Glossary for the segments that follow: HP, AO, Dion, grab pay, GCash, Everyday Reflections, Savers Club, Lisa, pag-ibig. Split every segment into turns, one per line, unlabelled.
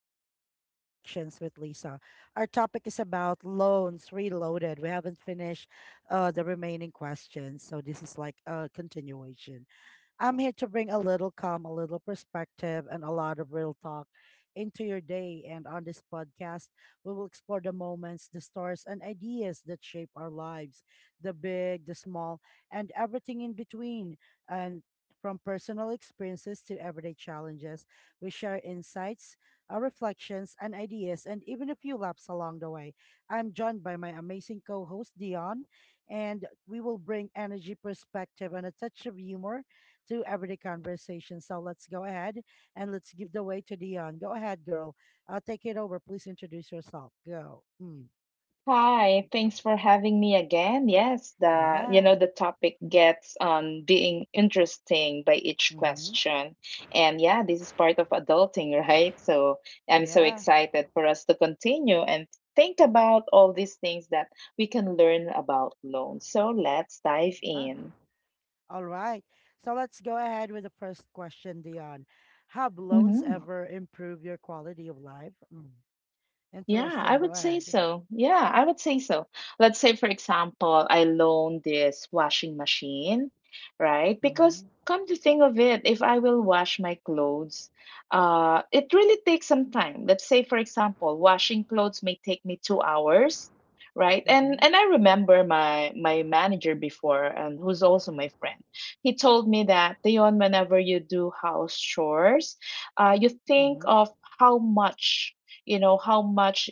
to Everyday Reflections with Lisa. Our topic is about loans reloaded. We haven't finished the remaining questions, so this is like a continuation. I'm here to bring a little calm, a little perspective, and a lot of real talk into your day. And on this podcast, we will explore the moments, the stories, and ideas that shape our lives, the big, the small, and everything in between. And from personal experiences to everyday challenges, we share insights, our reflections, and ideas, and even a few laps along the way. I'm joined by my amazing co host, Dion, and we will bring energy, perspective, and a touch of humor to everyday conversation. So let's go ahead and let's give the way to Dion. Go ahead, girl. Take it over. Please introduce yourself. Go. Mm.
Hi, thanks for having me again. Yes, the you
Yeah.
know the topic gets being interesting by each
Mm-hmm.
question. And yeah, this is part of adulting, right? So I'm so
Yeah.
excited for us to continue and think about all these things that we can learn about loans. So let's dive
Yeah.
in.
All right. So let's go ahead with the first question, Dion. Have loans
Mhm.
ever improved your quality of life? Mm.
Yeah, I
Interesting. Go
would say
ahead.
so. Yeah, I would say so. Let's say, for example, I loan this washing machine, right? Because
Mm-hmm.
come to think of it, if I will wash my clothes, it really takes some time. Let's say, for example, washing clothes may take me 2 hours, right? And
Mm-hmm.
and I remember my manager before, and who's also my friend, he told me that, Dion, whenever you do house chores, you think
Mm-hmm.
of how much how much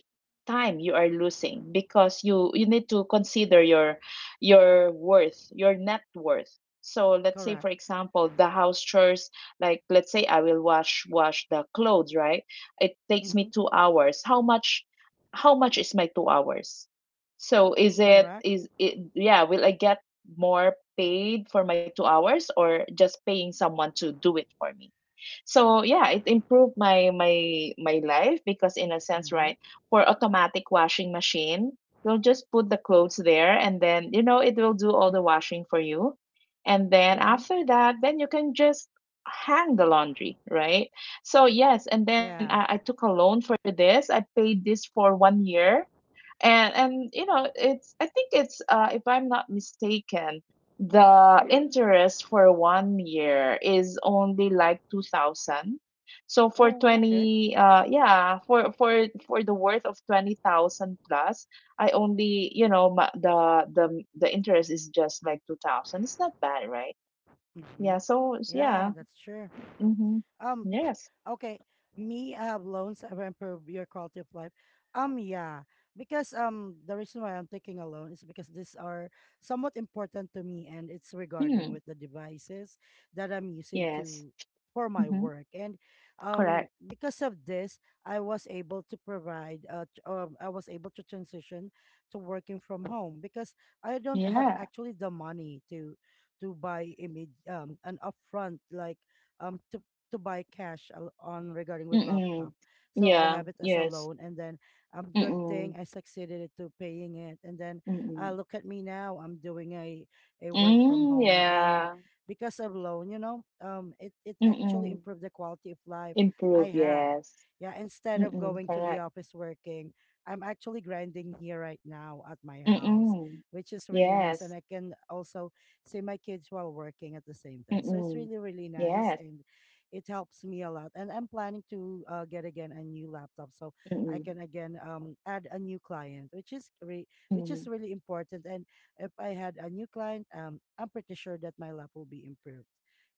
time you are losing, because you need to consider your net worth. So let's say, for
Correct.
example, the house chores, like, let's say I will wash the clothes, right? It takes
Mm-hmm.
me 2 hours. How much is my 2 hours? So, is it
Correct.
is it yeah, will I get more paid for my 2 hours, or just paying someone to do it for me? So yeah, it improved my life, because in a sense,
Mm-hmm.
right, for automatic washing machine, you'll just put the clothes there, and then it will do all the washing for you. And then
Mm-hmm.
after that, then you can just hang the laundry, right? So yes, and then i,
Yeah.
I took a loan for this. I paid this for 1 year. And you know, it's i think it's uh, if I'm not mistaken, the interest for 1 year is only like 2,000. So for
Oh, okay.
20 yeah, for the worth of 20,000 plus, I only, the, the interest is just like 2,000. It's not bad, right?
Mm-hmm.
Yeah, so
Yeah,
yeah.
that's true.
Mm-hmm.
Um,
Yes.
Okay, me, I have loans that improve your quality of life. Yeah, because the reason why I'm taking a loan is because these are somewhat important to me, and it's regarding
Mm,
with the devices that I'm using
yes.
to for my
Mm-hmm.
work, and
Correct.
because of this, I was able to provide I was able to transition to working from home because I don't have
Yeah.
actually the money to buy image an upfront like um to buy cash on regarding with
Mm-mm.
laptop. So I
Yeah.
have it as a
Yes.
loan and then good thing
Mm,
I succeeded it to paying it and then
mm.
look at me now, I'm doing a work from
Hmm,
home, and
yeah.
because of loan, you know, it it actually
Mm.
improved the quality of life I
Improve,
have.
yes.
Yeah, instead of
Mm,
going to the
correct.
office working, I'm actually grinding here right now at my house,
Mm.
which is really nice, and
Yes.
I can also see my kids while working at the same time. So it's
Mm.
really really nice
Yes.
and it helps me a lot. And I'm planning to get again a new laptop so I can
Mm.
again add a new client, which is which is
Mm.
really important. And if I had a new client, I'm pretty sure that my lab will be improved.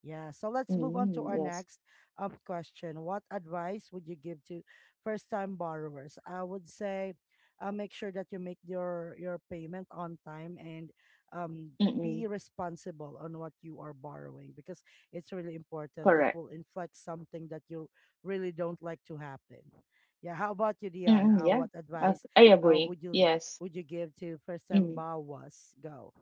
Yeah, so let's move on to
Mm,
our
yes.
next question. What advice would you give to first-time borrowers? I would say make sure that you make your payment on time and um,
Mm.
be responsible on what you are borrowing because it's really important. It
Correct.
will inflect something that you really don't like to happen. Yeah. How about you, Dion?
Mm, yeah.
What
I
advice
I
uh,
agree.
would you
Yes.
would you give to first time
Mm.
was Go.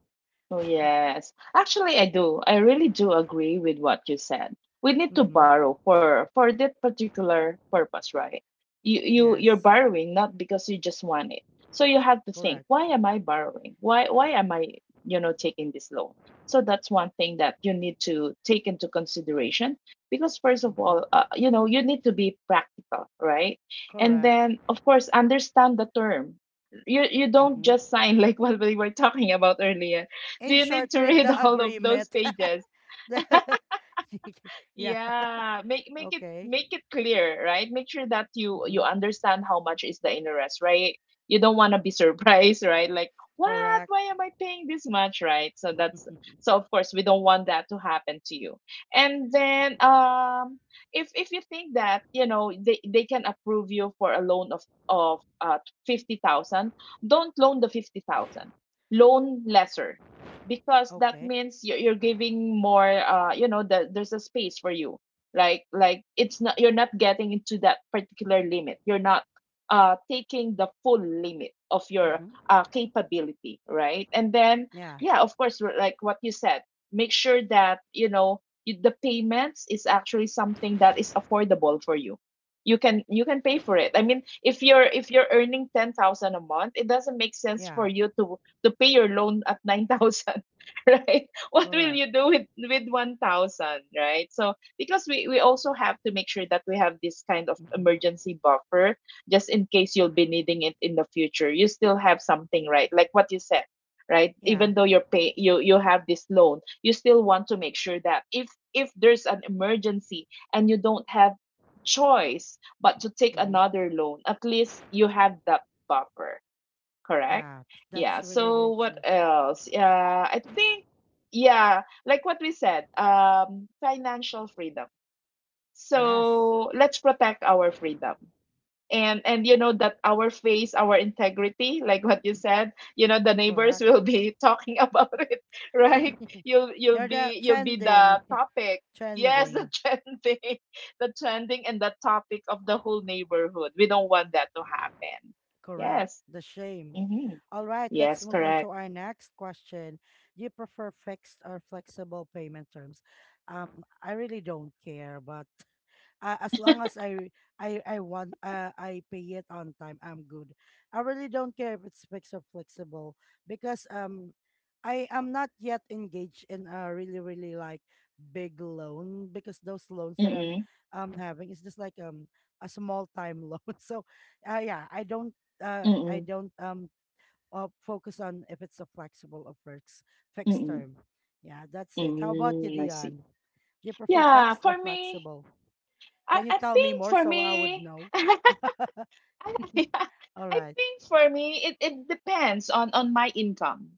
Oh, yes. Actually, I do. I really do agree with what you said. We need to
Mm-hmm.
borrow for that particular purpose, right? You're
Yes.
borrowing not because you just want it. So you have to think, why
Correct.
am I borrowing? Why am I, taking this loan? So that's one thing that you need to take into consideration, because first of
Mm-hmm.
all, you need to be practical, right? And
Correct.
then of course, understand the term. You don't
Mm-hmm.
just sign like what we were talking about earlier. Do
In
you need
short,
to
read
read
the
all of those
agreement.
pages?
The- yeah.
Yeah, make make it
Okay.
make it clear, right? Make sure that you
Mm-hmm.
understand how much is the interest, right? You don't want to be surprised, right? Like, what?
Correct.
Why am I paying this much, right? So that's
Mm-hmm.
so of course we don't want that to happen to you. And then if you think that, they can approve you for a loan of of uh 50,000, don't loan the 50,000. Loan lesser, because that
Okay.
means you're giving more, there's a space for you, like, it's not you're not getting into that particular limit. You're not taking the full limit of your
Mm-hmm.
capability, right? And then,
Yeah.
yeah, of course, like what you said, make sure that the payments is actually something that is affordable for you. You can, pay for it. I mean, if you're earning 10,000 a month, it doesn't make sense
Yeah.
for you to pay your loan at 9,000, right? What will
Correct.
you do with 1,000, right? So, because we also have to make sure that we have this kind of
Mm-hmm.
emergency buffer, just in case you'll be needing it in the future. You still have something, right? Like what you said, right,
Yeah.
even though you have this loan, you still want to make sure that if there's an emergency and you don't have choice but to take
Mm-hmm.
another loan, at least you have that buffer. Correct.
Yeah.
Yeah.
That's really,
So
really
what
true.
else? Yeah, I think yeah, like what we said, financial freedom.
Yes,
So let's protect our freedom. And you know that our face, our integrity, like what you said, the neighbors
correct.
will be talking about it, right? You'll you'll
You're the
be you'll be
trending,
the topic. Yes, the
trending,
trending, the trending and the topic of the whole neighborhood. We don't want that to happen.
correct.
Yes.
The shame.
Mm-hmm.
All right, let's
Yes,
move on
correct.
to our next question. Do you prefer fixed or flexible payment terms? I really don't care, but as long as I want I pay it on time, I'm good. I really don't care if it's fixed or flexible because I am not yet engaged in a really really like big loan because those loans that I'm
Mm-mm.
having is just like a small time loan. So yeah, I
Mm-mm.
don't focus on if it's a flexible or fixed
Mm-mm.
term. Yeah, that's it. How about you,
Mm, I see.
Dion? Do you prefer
Yeah,
fixed or
for me,
flexible?
I,
Can you
I
tell me
think
more
for
so I would
me,
know?
I yeah,
All
I
right.
think for me, it depends on my income.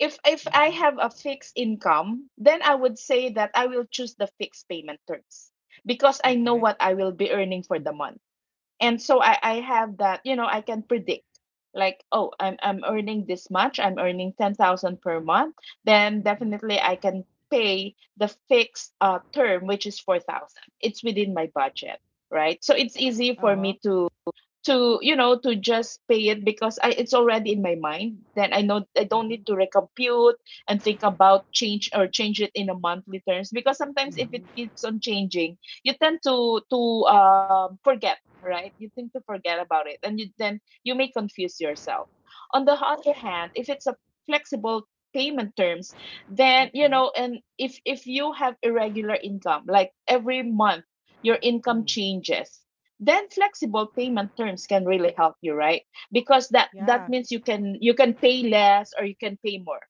If I
Mm-hmm.
have a fixed income, then I would say that I will choose the fixed payment terms, because I know
Okay.
what I will be earning for the month. And so I have that, I can predict, like, oh, I'm earning this much. I'm earning 10,000 per month. Then
Mm-hmm.
definitely I can pay the fixed term, which is 4,000. It's within my budget, right? So it's easy for
Uh-huh.
me to you know to just pay it, because it's already in my mind. Then I know I don't
Mm-hmm.
need to recompute and think about change it in a monthly terms, because sometimes if
Mm-hmm.
it keeps on changing, you tend to forget, right? You tend to forget about it, and then you may confuse yourself. On the other hand, if it's a flexible payment terms, then, you
Okay.
know and if if you have irregular income, like every month your income
Mm.
changes, then flexible payment terms can really help you, right? Because that
Yeah.
means you can pay less, or you can pay more.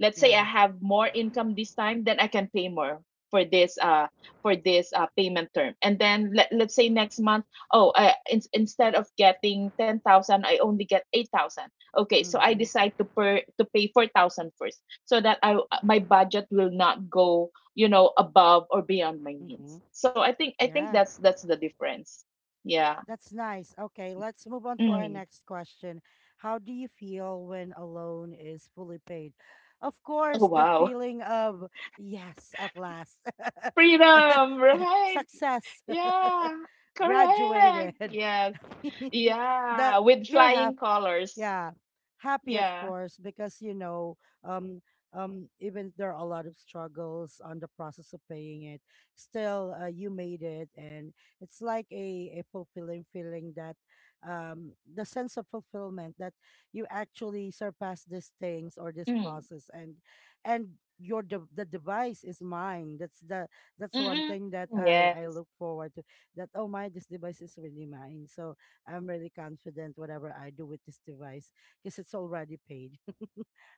Let's say I
Yeah.
have more income this time, then I can pay more for this uh for this payment term. And then let's say next month, oh, instead of getting 10,000, I only get 8,000. Okay, so I
Mm-hmm.
decide to pay 4,000 first, so that I my budget will not go, you know, above or beyond my
Mm-hmm.
means. So I think
Yeah.
that's the difference. Yeah.
That's nice. Okay, let's move on to our
Mm.
next question. How do you feel when a loan is fully paid? Of
Oh
course, the
wow.
feeling of yes, at last.
Freedom, right?
Success.
Yeah.
Graduated.
Correct. Yeah. Yeah,
that
with
you're
flying colors.
Yeah, happy of
Yeah.
course because you know, um, even there are a lot of struggles on the process of paying it. Still, you made it, and it's like a fulfilling feeling that, the sense of fulfillment that you actually surpass these things or this
Mm.
process, and your the device is mine. That's the that's one
Mm-mm.
thing that I
Yes.
look forward to. That oh my, this device is really mine. So I'm really confident whatever I do with this device because it's already paid.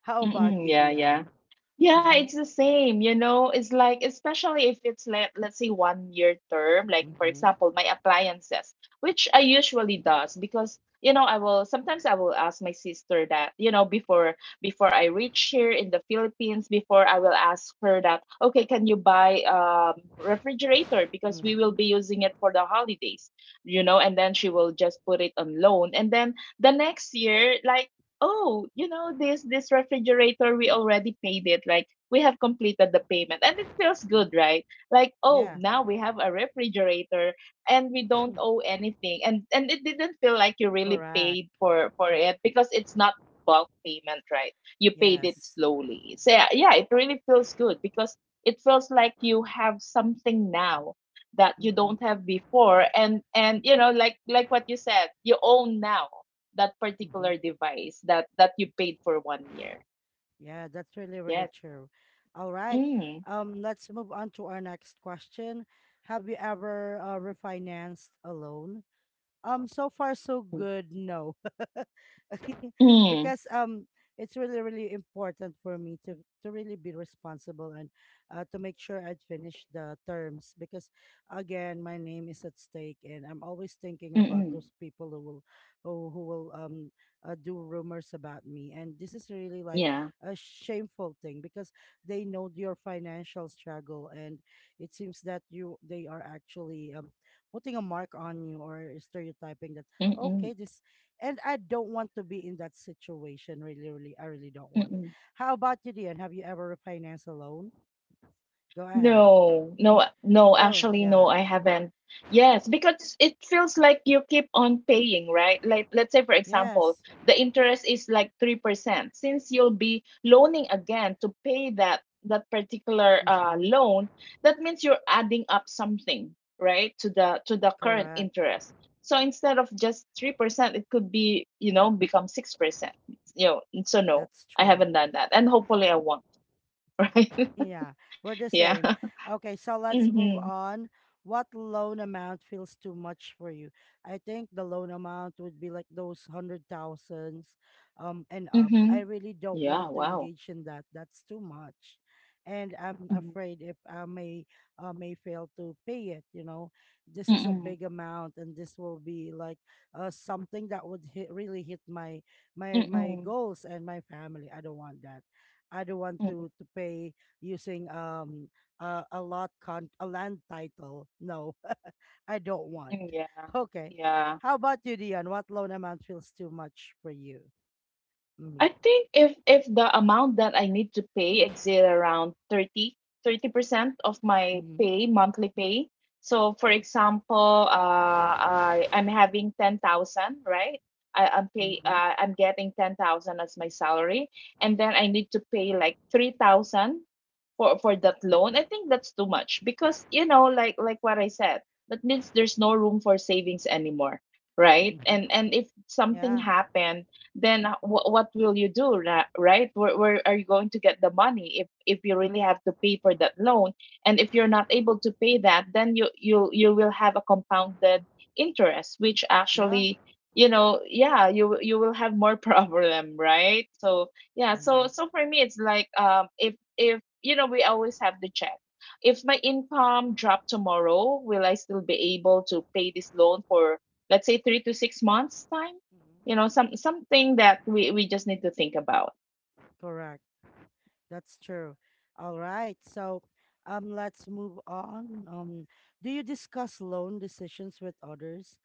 How about you,
Mm-mm. Yeah,
Dion?
yeah. Yeah,
Mm-hmm.
it's the same, you know. It's like, especially if it's like, let's say, 1 year term, like, for
Mm-hmm.
example, my appliances, which I usually does, because, I will ask my sister that, before I reach here in the Philippines, before, I will ask her that, okay, can you buy refrigerator
Mm-hmm.
because we will
Mm-hmm.
be using it for the holidays, and then she will just put it on loan. And then the next year, like, oh, this refrigerator, we already paid it. Like, we have completed the payment, and it feels good, right? Like, oh,
Yeah.
now we have a refrigerator, and we don't
Mhm.
owe anything, and it didn't feel like you really
Correct.
paid for it, because it's not bulk payment, right? You paid it
Yes.
slowly. So yeah, yeah, it really feels good, because it feels like you have something now that you don't
Mm-hmm.
have before, and and like what you said, you own now that
Mm-hmm.
particular device that you paid for 1 year.
Yeah, that's really, really
Yes.
true. All right.
Mm.
Let's move on to our next question. Have you ever refinanced a loan? So far so good, no.
Mm.
Because it's really really important for me to really be responsible and to make sure I'd finish the terms because again my name is at stake, and I'm always thinking about
Mm-mm.
those people who will who will do rumors about me, and this is really like
Yeah.
a shameful thing because they know your financial struggle, and it seems that you they are actually putting a mark on you or stereotyping that
Mm-mm.
okay this, and I don't want to be in that situation. Really, really, I really don't want.
Mm-mm.
How about you, Dion? Have you ever refinanced a loan? Go ahead.
No, no, no,
Go.
actually,
Yeah.
no, I haven't. Yes, because it feels like you keep on paying, right? Like, let's say, for example,
Yes.
the interest is like 3%. Since you'll be loaning again to pay that particular
Mm-hmm.
loan, that means you're adding up something, right, to the current
Correct.
interest. So instead of just 3%, it could be, become 6%. You know, so no,
That's
I
true.
haven't done that. And hopefully I won't, right?
Yeah, we're the
Yeah.
same. Okay, so let's move
Mm-hmm.
on. What loan amount feels too much for you? I think the loan amount would be like those hundred thousands, and up. I
Mhm.
really don't
Yeah,
want to
wow.
engage in that. That's too much, and I'm
Mhm.
afraid if I may fail to pay it. You know, this is a
Mm.
big amount, and this will be like something that would hit, really hit my
Mm,
my my
mm,
goals and my family. I don't want that. I don't want
mm,
to pay using a lot con a land title. No, I don't want.
mm, yeah,
Okay.
yeah.
How about you, Dion? What loan amount feels too much for you?
I
Mm-hmm.
think if the amount that I need to pay exceed around thirty thirty percent of my
Mm-hmm.
pay monthly pay. So, for example, I'm having 10,000, right? I, I'm pay
Mm-hmm.
I'm getting 10,000 as my salary, and then I need to pay like 3,000 for that loan. I think that's too much, because, what I said, that means there's no room for savings anymore, right?
Mm-hmm.
And if something
Yeah.
happens, then what will you do? Right, where are you going to get the money if you really have to pay for that loan? And if you're not able to pay that, then you will have a compounded interest which
Yeah.
actually, yeah, you will have more problem, right? so yeah so
Mm-hmm.
so for me it's like, if we always have to check, if my income drop tomorrow, will I still be able to pay this loan for, let's say, 3 to 6 months time? You
Mm-hmm.
know, something that we just need to think about.
Correct. That's true. All right. So let's move on. Do you discuss loan decisions with others?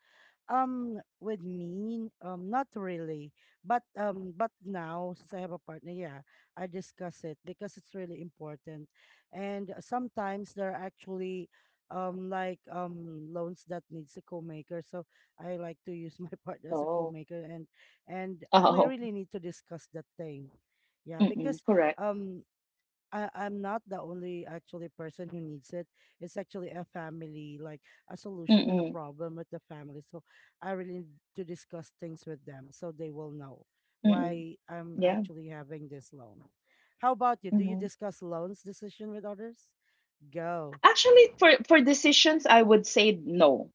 With me, not really, but now since I have a partner, yeah, I discuss it because it's really important, and sometimes there are actually, like loans that needs a co-maker, so I like to use my partner as a
Oh.
co-maker, and we
Oh.
really need to discuss that thing, yeah,
Mm-mm,
because
correct.
um I'm not the only actually person who needs it. It's actually a family, like a solution and a
Mm-mm,
problem with the family. So I really need to discuss things with them so they will know
mm-mm.
why I'm
Yeah.
actually having this loan. How about you? Do you
Hmm.
discuss loans decision with others? Go.
Actually, for decisions, I would say no.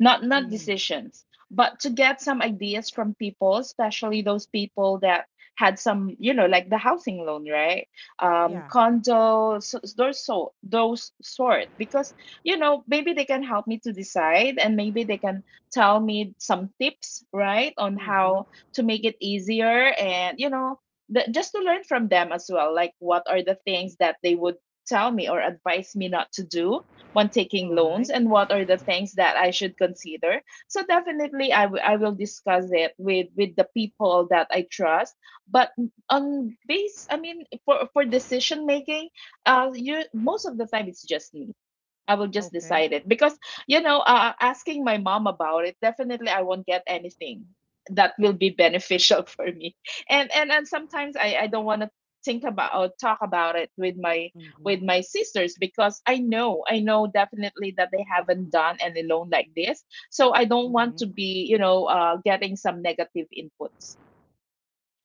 Not
Mm,
decisions, but to get some ideas from people, especially those people that had some, you know, like the housing loan, right?
yeah.
Condo, so those sort. Because you know, maybe they can help me to decide, and maybe they can tell me some tips, right, on
Mm-hmm.
how to make it easier, and you know, just to learn from them as well, like what are the things that they would tell me or advise me not to do when taking
All
loans,
right.
and what are the things that I should consider. So definitely I will discuss it with the people that I trust. But on base, I mean for decision making, you, most of the time it's just me. I will just
Okay.
decide it because you know, asking my mom about it, definitely I won't get anything that will be beneficial for me. And sometimes I don't want to think about or talk about it with my
Mm-hmm.
sisters, because I know definitely that they haven't done any loan like this. So I don't want to
Mm-hmm.
be, you know, getting some negative inputs.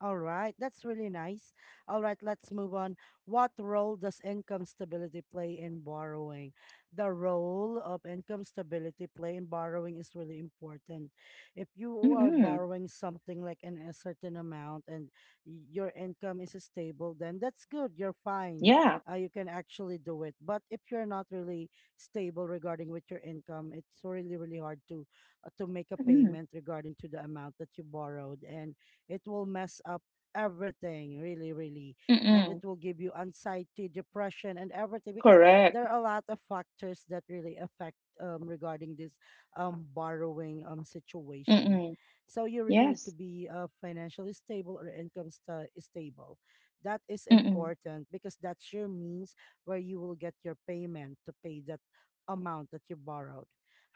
All right, that's really nice. All right, let's move on. What role does income stability play in borrowing? The role of income stability play in borrowing is really important. If you are
Mm-mm.
borrowing something like a certain amount and your income is stable, then that's good. You're fine.
Yeah.
You can actually do it. But if you're not really stable regarding with your income, it's really really hard to make a
Mm-mm.
payment regarding to the amount that you borrowed, and it will mess up everything really really, and it
Mm-mm.
will give you anxiety depression and everything because
Correct.
there are a lot of factors that really affect regarding this borrowing situation,
Mm-mm.
so you really need to
Yes.
be financially stable or income stable. That is
Mm-mm.
important because that's your means where you will get your payment to pay that amount that you borrowed.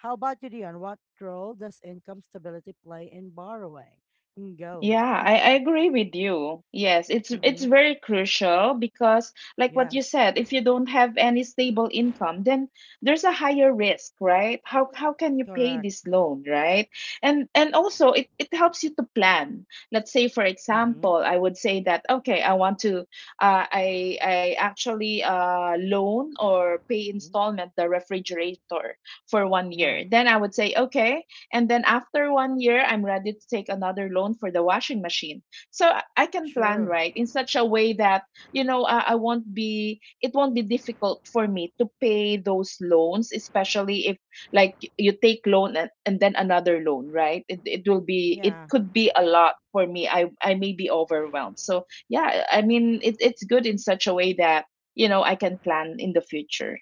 How about you, Dion? What role does income stability play in borrowing? Mm, go.
Yeah, I agree with you. Yes, it's
Mm-hmm.
very crucial because like what you
Yes,
said, if you don't have any stable income, then there's a higher risk, right? How can you pay
correct.
this loan, right? And also it helps you to plan. Let's say, for
Mm-hmm.
example, I would say that okay, I want to, I actually loan or pay
Mm-hmm.
installment the refrigerator for one
Yeah,
year. Then I would say, okay, and then after 1 year, I'm ready to take another loan for the washing machine. So I can plan,
sure.
right, in such a way that, you know, I won't be, it won't be difficult for me to pay those loans, especially if like you take loan, and then another loan, right? It will be, it
Yeah.
could be a lot for me. I may be overwhelmed. So yeah, I mean, it's good in such a way that, you know, I can plan in the future.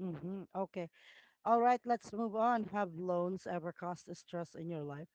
Mm-hmm. Okay. All right, let's move on. Have loans ever caused stress in your life?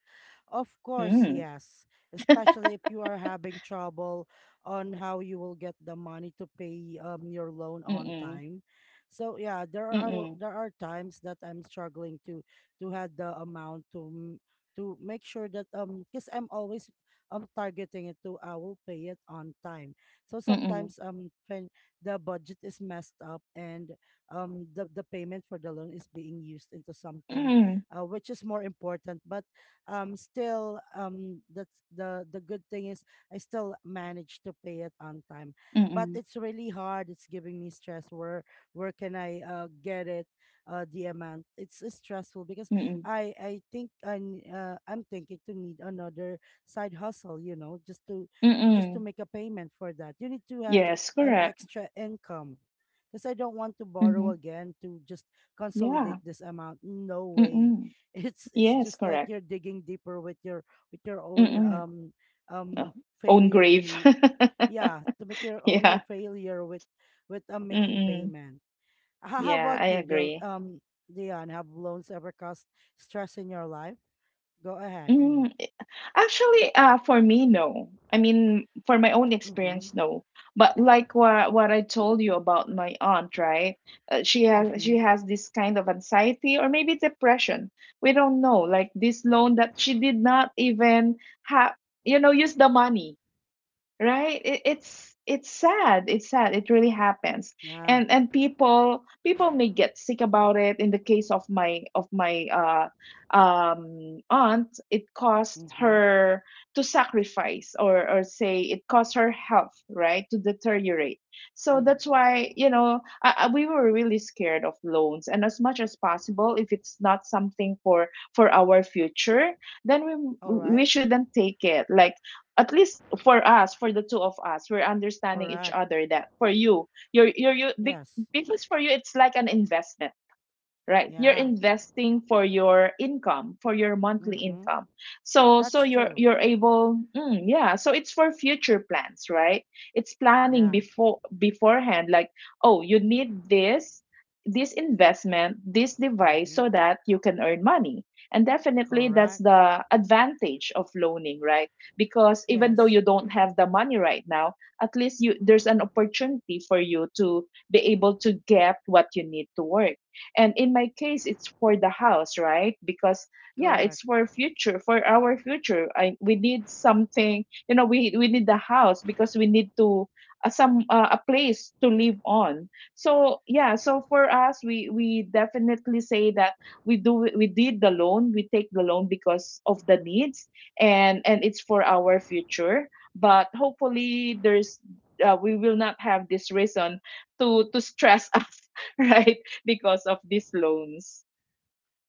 Of course,
Mm.
yes. Especially if you are having trouble on how you will get the money to pay your loan on
Mm-mm.
time. So yeah,
Mm-mm.
there are times that I'm struggling to have the amount to to make sure that because I'm always targeting it to I will pay it on time. So
Mm-mm.
sometimes when the budget is messed up and the payment for the loan is being used into something
Mm-mm.
which is more important, but still that's the good thing is I still manage to pay it on time. But it's really hard. It's giving me stress. Where can I get it, the amount? It's stressful because
Mm-mm.
I think I'm thinking to need another side hustle, just to
Mm-mm.
make a payment for that. You need to add
Yes,
an
correct.
extra income. Because I don't want to
Mm-hmm.
borrow again to just
Yeah.
consolidate this amount. No way,
Mm-mm.
it's
Yes,
just like
correct.
you're digging deeper with your, with your own,
Mm-mm. Oh,
um
own
failure
grave.
to, yeah, to make your own, your
Yeah.
failure with making
Mm-mm.
payment. How
Yeah,
about
I
you, Dil,
agree.
Dion, have loans ever caused stress in your life? Go ahead mm.
Mm. Actually, for me, no. I mean, for my own
mm-hmm
experience, no. But like what I told you about my aunt, right? She has
mm-hmm
this kind of anxiety or maybe depression. We don't know. Like this loan that she did not even have, you know, use the money. Right, it's it's sad, it really happens.
yeah
And people may get sick about it. In the case of my aunt, it caused
mm-hmm
her to sacrifice, or say it caused her health, right, to deteriorate. So that's
mm-hmm
why, you know, I, we were really scared of loans, and as much as possible, if it's not something for our future, then
all
we
right
shouldn't take it. Like at least for us, for the two of us, we're understanding each
correct
other that for you, you're
yes
because for you it's like an investment, right? You're
yeah
investing for your income, for your monthly
mm-hmm
income. So
that's
you're
true
able, mm, yeah, so it's for future plans, right? It's planning
yeah
before, beforehand, like, oh, you need this, this investment, this device,
mm-hmm
so that you can earn money. And definitely that's
correct
the advantage of loaning, right? Because even though
yes
you don't have the money right now, at least you there's an opportunity for you to be able to get what you need to work. And in my case, it's for the house, right? Because yeah, it's
correct.
for future, for our future. We need something, you know, we need the house because we need to, some a place to live on. So yeah, so for us, we definitely say that we did the loan, we take the loan because of the needs, and it's for our future. But hopefully there's, we will not have this reason to stress us right, because of these loans.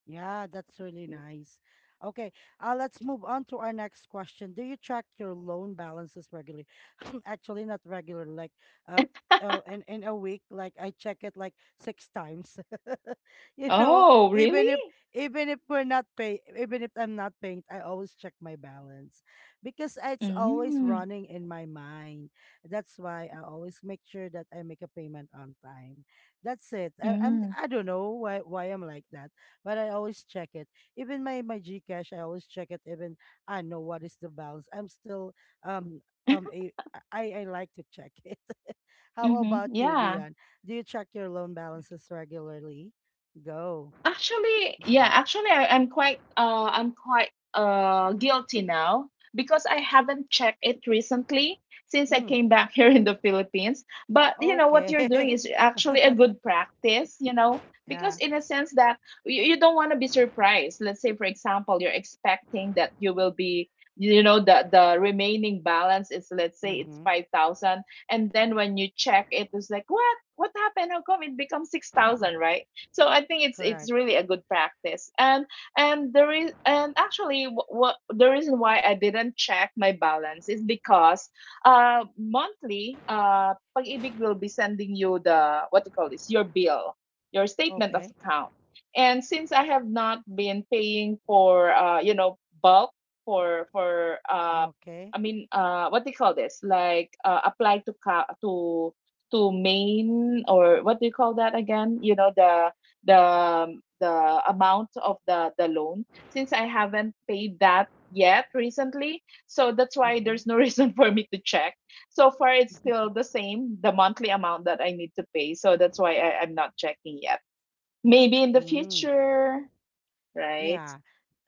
Yeah, that's really nice. Okay, let's move on to our next question. Do you track your loan balances regularly? Actually, not regular, like, uh, in a week, like I check it like six times. You know,
Oh, really?
even if, even if we're not pay, even if I'm not paying, I always check my balance because it's always
Mm,
running in my mind. That's why I always make sure that I make a payment on time. That's it. I, I'm
mm,
I don't know why I'm like that, but I always check it. Even my GCash, I always check it. Even I know what is the balance. I'm still um um a, I like to check it. How
mm-hmm.
about you,
Yeah.
Dion? Do you check your loan balances regularly? Go.
Actually, yeah, actually I'm quite guilty now because I haven't checked it recently since I
Mm,
came back here in the Philippines. But you know what you're doing
okay.
is actually a good practice, you know,
Yeah.
because in a sense that you don't want to be surprised. Let's say, for example, you're expecting that you will be, you know, the remaining balance is, let's say it's
Mm-hmm.
5,000, and then when you check it, it's like, what? Happened how come it becomes 6,000, right? So I think it's
Correct.
really a good practice. And there is and Actually, what the reason why I didn't check my balance is because monthly, pag-ibig will be sending you the, what you call this, your bill, your statement of
Okay.
account. And since I have not been paying for, you know, bulk, for
Okay.
I mean, what do you call this? Like, apply to to main, or what do you call that again? You know, the amount of the loan, since I haven't paid that yet recently. So that's why
Mm-hmm.
there's no reason for me to check. So far, it's still the same, the monthly amount that I need to pay. So that's why I'm not checking yet. Maybe in the
Mm.
future, right?
Yeah.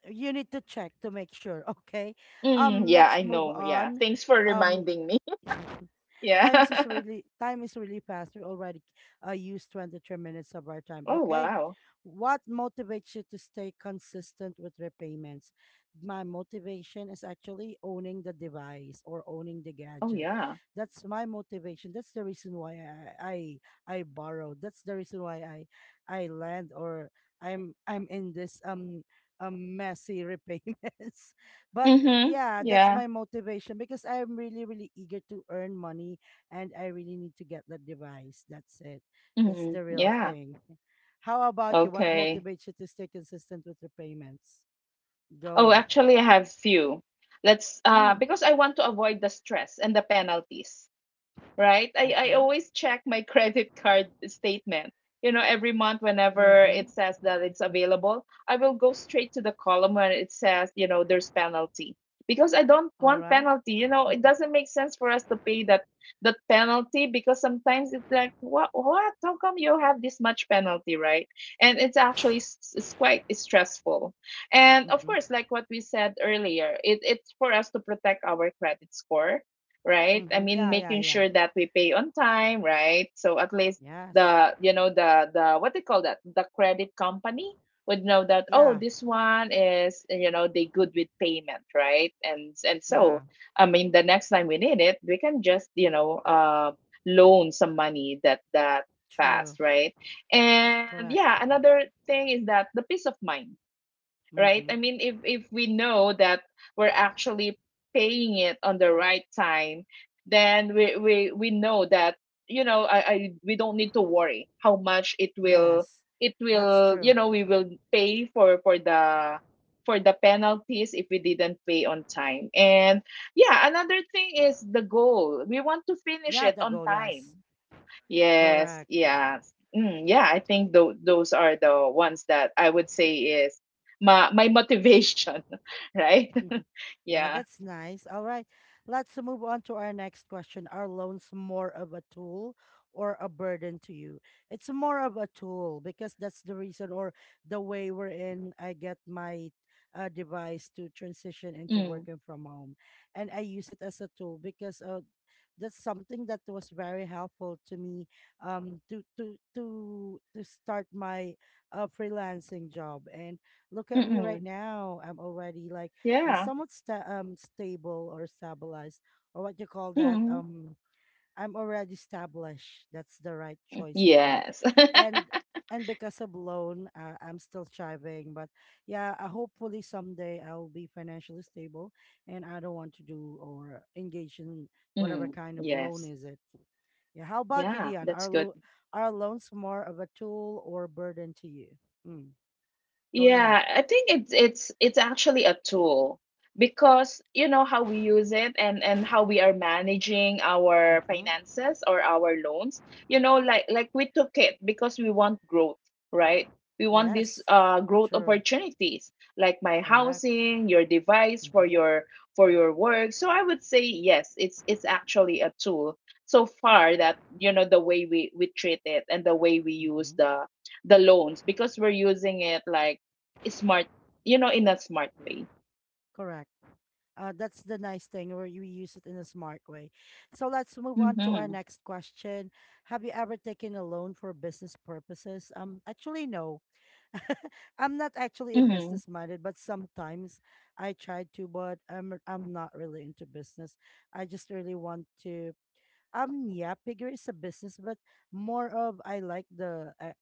You need to check to make sure. Okay.
Mm, yeah,
Let's
I
move
know. Yeah.
on.
Thanks for
Um.
reminding me. Yeah.
Time is really fast. We already used 23 minutes of our time.
Oh,
Okay.
wow.
What motivates you to stay consistent with repayments? My motivation is actually owning the device or owning the
Oh,
gadget.
yeah.
That's my motivation. That's the reason why I I borrowed. That's the reason why I land, or I'm in this a messy repayments. But
Mm-hmm.
yeah, that's
Yeah.
my motivation because I'm really eager to earn money and I really need to get the device. That's it. That's
Mm-hmm.
the real
Yeah.
thing. How about you? What
Okay.
motivates you to stay consistent with your payments?
Oh,
Go.
actually, I have few. Let's
Mm,
Because I want to avoid the stress and the penalties, right? I
okay.
always check my credit card statement. You know, every month whenever
Mm-hmm.
it says that it's available, I will go straight to the column where it says, you know, there's penalty. Because I don't
All
want
right.
penalty. You know, it doesn't make sense for us to pay that penalty, because sometimes it's like, what? How come you have this much penalty, right? And it's quite stressful. And of
Mm-hmm.
course, like what we said earlier, it's for us to protect our credit score, right?
Mm-hmm.
I
Mm-hmm.
mean,
Yeah, yeah,
making
yeah.
sure that we pay on time, right? So at least
Yes.
the you know the, what they call that, the credit company, would know that, oh,
Yeah,
this one is, you know, they good with payment, right? And
yeah.
so I mean, the next time we need it, we can just, you know, loan some money that
True.
fast, right? And
Correct.
yeah, another thing is that the peace of mind, right?
Mm-hmm.
I mean, if we know that we're actually paying it on the right time, then we know that, you know, I we don't need to worry how much
Yes.
it
That's
will,
true.
you know, we will pay for for the penalties if we didn't pay on time. And yeah, another thing is the goal. We want to finish
Yeah,
it
the
on
goal, yes.
time. Yes,
Correct.
yes. Mm, yeah, I think those are the ones that I would say is my motivation, right?
Yeah,
Yeah.
that's nice. All right. Let's move on to our next question. Are loans more of a tool or a burden to you? It's more of a tool because that's the reason, or the way we're in. I get my device to transition into
Mm,
working from home. And I use it as a tool because that's something that was very helpful to me, to start my freelancing job. And look at me
mm-mm.
right now. I'm already like
Yeah.
stable, or stabilized, or what you call that.
Mm.
I'm already established. That's the right choice of word.
Yes.
and and because of loan, I'm still striving, but yeah, hopefully someday I'll be financially stable and I don't want to do or engage in whatever
Mm,
kind of loan
yes.
is it. Yeah. How about you,
Yeah,
Dion,
that's good.
are loans more of a tool or burden to you? Mm, go ahead.
Yeah, I think it's actually a tool, because you know how we use it, and how we are managing our
Hmm.
finances or our loans. You know, like we took it because we want growth, right? We want these
Yes.
growth
True.
opportunities, like my
Correct.
housing, your device for
Mm-hmm.
your work. So I would say yes, it's actually a tool. So far that, you know, the way we treat it and the way we use
Mm-hmm.
the loans, because we're using it like, smart, you know, in a smart way.
Correct. That's the nice thing, where you use it in a smart way. So let's move on to our
Mhm.
next question. Have you ever taken a loan for business purposes? Actually, no. I'm not actually a
Mhm.
business minded, but sometimes I try to, but I'm not really into business. I just really want to. Yeah, Pigger is a business, but more of I like the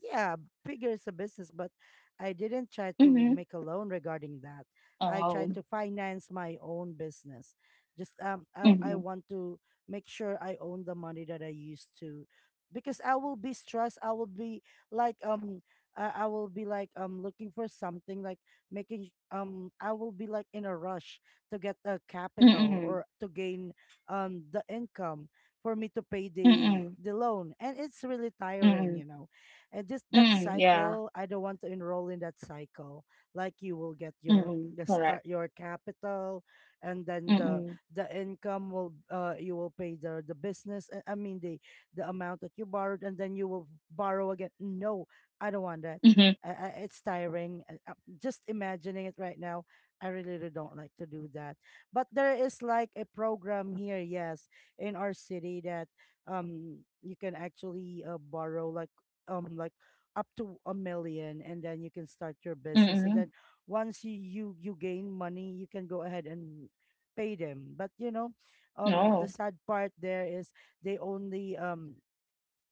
yeah, bigger is a business, but I didn't try to
Mhm.
make a loan regarding that. I
Oh.
tried to finance my own business. Just I
Mhm.
want to make sure I own the money that I used to, because I will be stressed. I will be like I will be like looking for something, like making I will be like in a rush to get a capital
Mhm.
or to gain the income for me to pay the
Mhm.
loan, and it's really tiring,
Mhm.
you know, and this, that
Mhm. Yeah.
cycle, I don't want to enroll in that cycle. Like, you will get your,
Mhm.
the start,
Correct.
your capital, and then the
Mhm.
the income will, you will pay the business I mean the amount that you borrowed, and then you will borrow again. No, I don't want that.
Mhm.
It's tiring. Just imagining it right now, I really don't like to do that. But there is like a program here, yes, in our city, that you can actually borrow like, um like up to a million, and then you can start your business, and
Mhm.
then once you, you gain money, you can go ahead and pay them. But you know, the
No.
sad part there is, they only um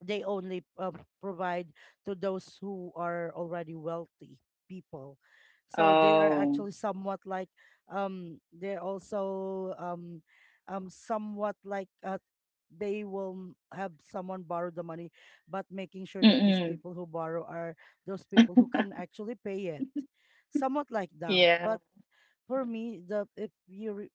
they only provide to those who are already wealthy people. So they are
Oh.
actually somewhat like, um they're also um um somewhat like uh, they will have someone borrow the money, but making sure that these
Mhm.
people who borrow are those people who can actually pay it, somewhat like that.
Yeah.
But for me, the if you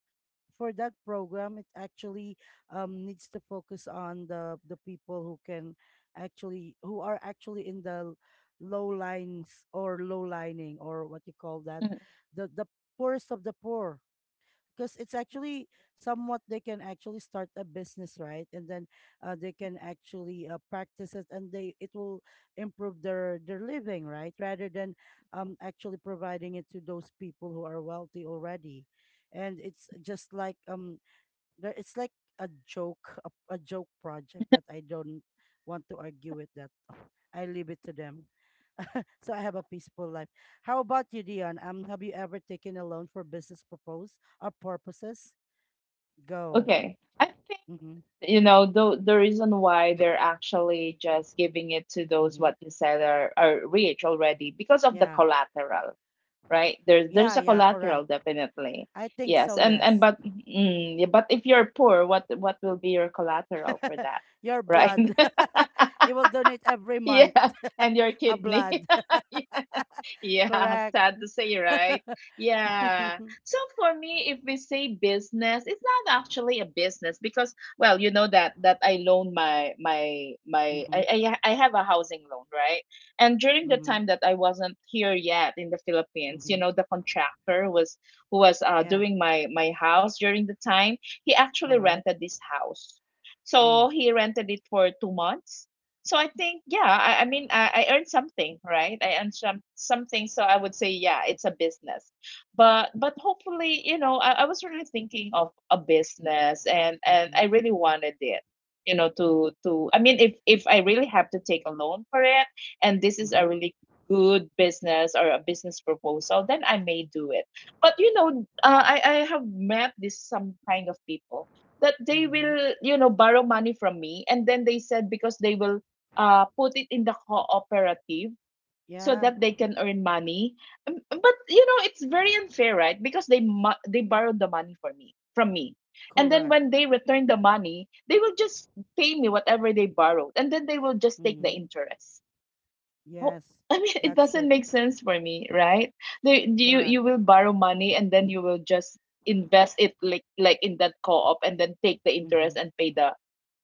for that program, it actually needs to focus on the people who can actually, who are actually in the low lines, or low lining, or what you call that,
Mhm.
the poorest of the poor, because it's actually, somewhat, they can actually start a business, right? And then they can actually practice it, and they, it will improve their living, right, rather than actually providing it to those people who are wealthy already. And it's just like, it's like a joke, a joke project. But I don't want to argue with that. I leave it to them, so I have a peaceful life. How about you, Dion, have you ever taken a loan for business propose, or purposes? Go.
Okay. I think
Mm-hmm.
you know the reason why they're actually just giving it to those
Mm-hmm.
what you said are rich already because of the
Yeah.
collateral, right? There's
Yeah.
there's a
Yeah. Correct.
collateral definitely.
I think so.
Yes, and
Yes.
but yeah, but if you're poor, what will be your collateral for that,
Your
right?
blood. You will donate every month
Yeah, and your
a blood.
kidney. Yeah,
Correct.
sad to say, right? Yeah.
Mm-hmm.
So for me, if we say business, it's not actually a business because, well, you know that I loan my my my I, ha- I have a housing loan, right? And during the
Mm-hmm.
time that I wasn't here yet in the Philippines, you
Mm-hmm.
know, the contractor who was
Yeah.
doing my house during the time, he
All
actually
right.
rented this house.
Mm.
So he rented it for 2 months, so I think, yeah, I mean, I earned something, right? I earned something, so I would say, yeah, it's a business. But hopefully, you know, I was really thinking of a business, and
Mm-hmm.
I really wanted it, you know, to to. I mean, if I really have to take a loan for it, and this is a
Mm-hmm.
really good business or a business proposal, then I may do it. But you know, I have met this some kind of people that they
Mm-hmm.
will, you know, borrow money from me, and then they said because they will put it in the cooperative so
Yeah.
that they can earn money. But you know, it's very unfair, right? Because they borrowed the money for me from me, and then
Correct.
when they return the money, they will just pay me whatever they borrowed, and then they will just take the
Mm-hmm.
interest. Well,
Yes.
I mean, it
That's
doesn't
it.
make sense for me, right? You
Correct.
you will borrow money, and then you will just invest it like in that co-op and then take the interest
Mm-hmm.
and pay the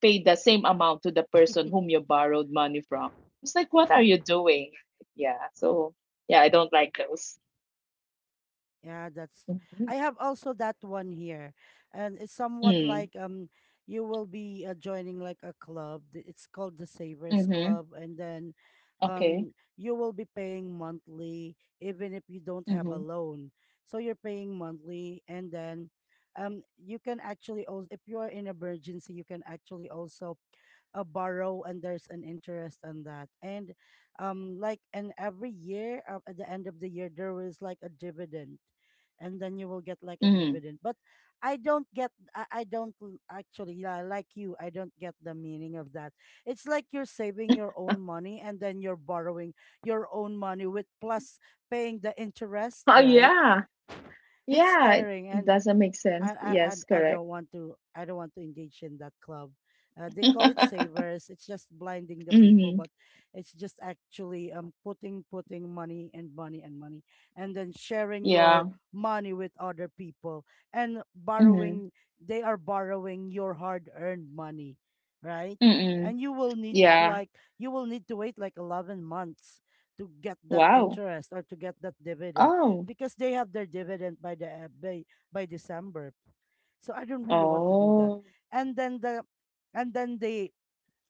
same amount to the person whom you borrowed money from. It's like, what are you doing? Yeah. So yeah, I don't like those.
Yeah, that's,
Mm-hmm.
I have also that one here. And it's somewhat
Mm.
like, you will be joining like a club. It's called the Savers
Mm-hmm.
Club, and then
Okay.
you will be paying monthly, even if you don't have
Mm-hmm.
a loan. So you're paying monthly, and then you can actually also, if you are in emergency, you can actually also borrow, and there's an interest on that. And and every year, at the end of the year, there is like a dividend, and then you will get like a
Mm.
dividend. But I don't get, I don't actually, yeah, like you, I don't get the meaning of that. It's like you're saving your own money, and then you're borrowing your own money with plus paying the interest,
Oh
right?
yeah.
It's
Yeah. It
tiring,
it
and
doesn't make
I
sense.
I I
Yes,
I
correct.
don't want to, I don't want to engage in that club. They call it savers. It's just blinding the people,
Mm-hmm.
but it's just actually putting money and money and money, and then sharing your
Yeah.
money with other people and
Mm-hmm.
borrowing. They are borrowing your hard earned money, right?
Mm-mm.
And you will need
Yeah.
like, you will need to wait like 11 months to get that
Wow.
interest, or to get that dividend,
Oh.
because they have their dividend by the by December. So I don't really want to do that.
Oh.
And then the, and then the,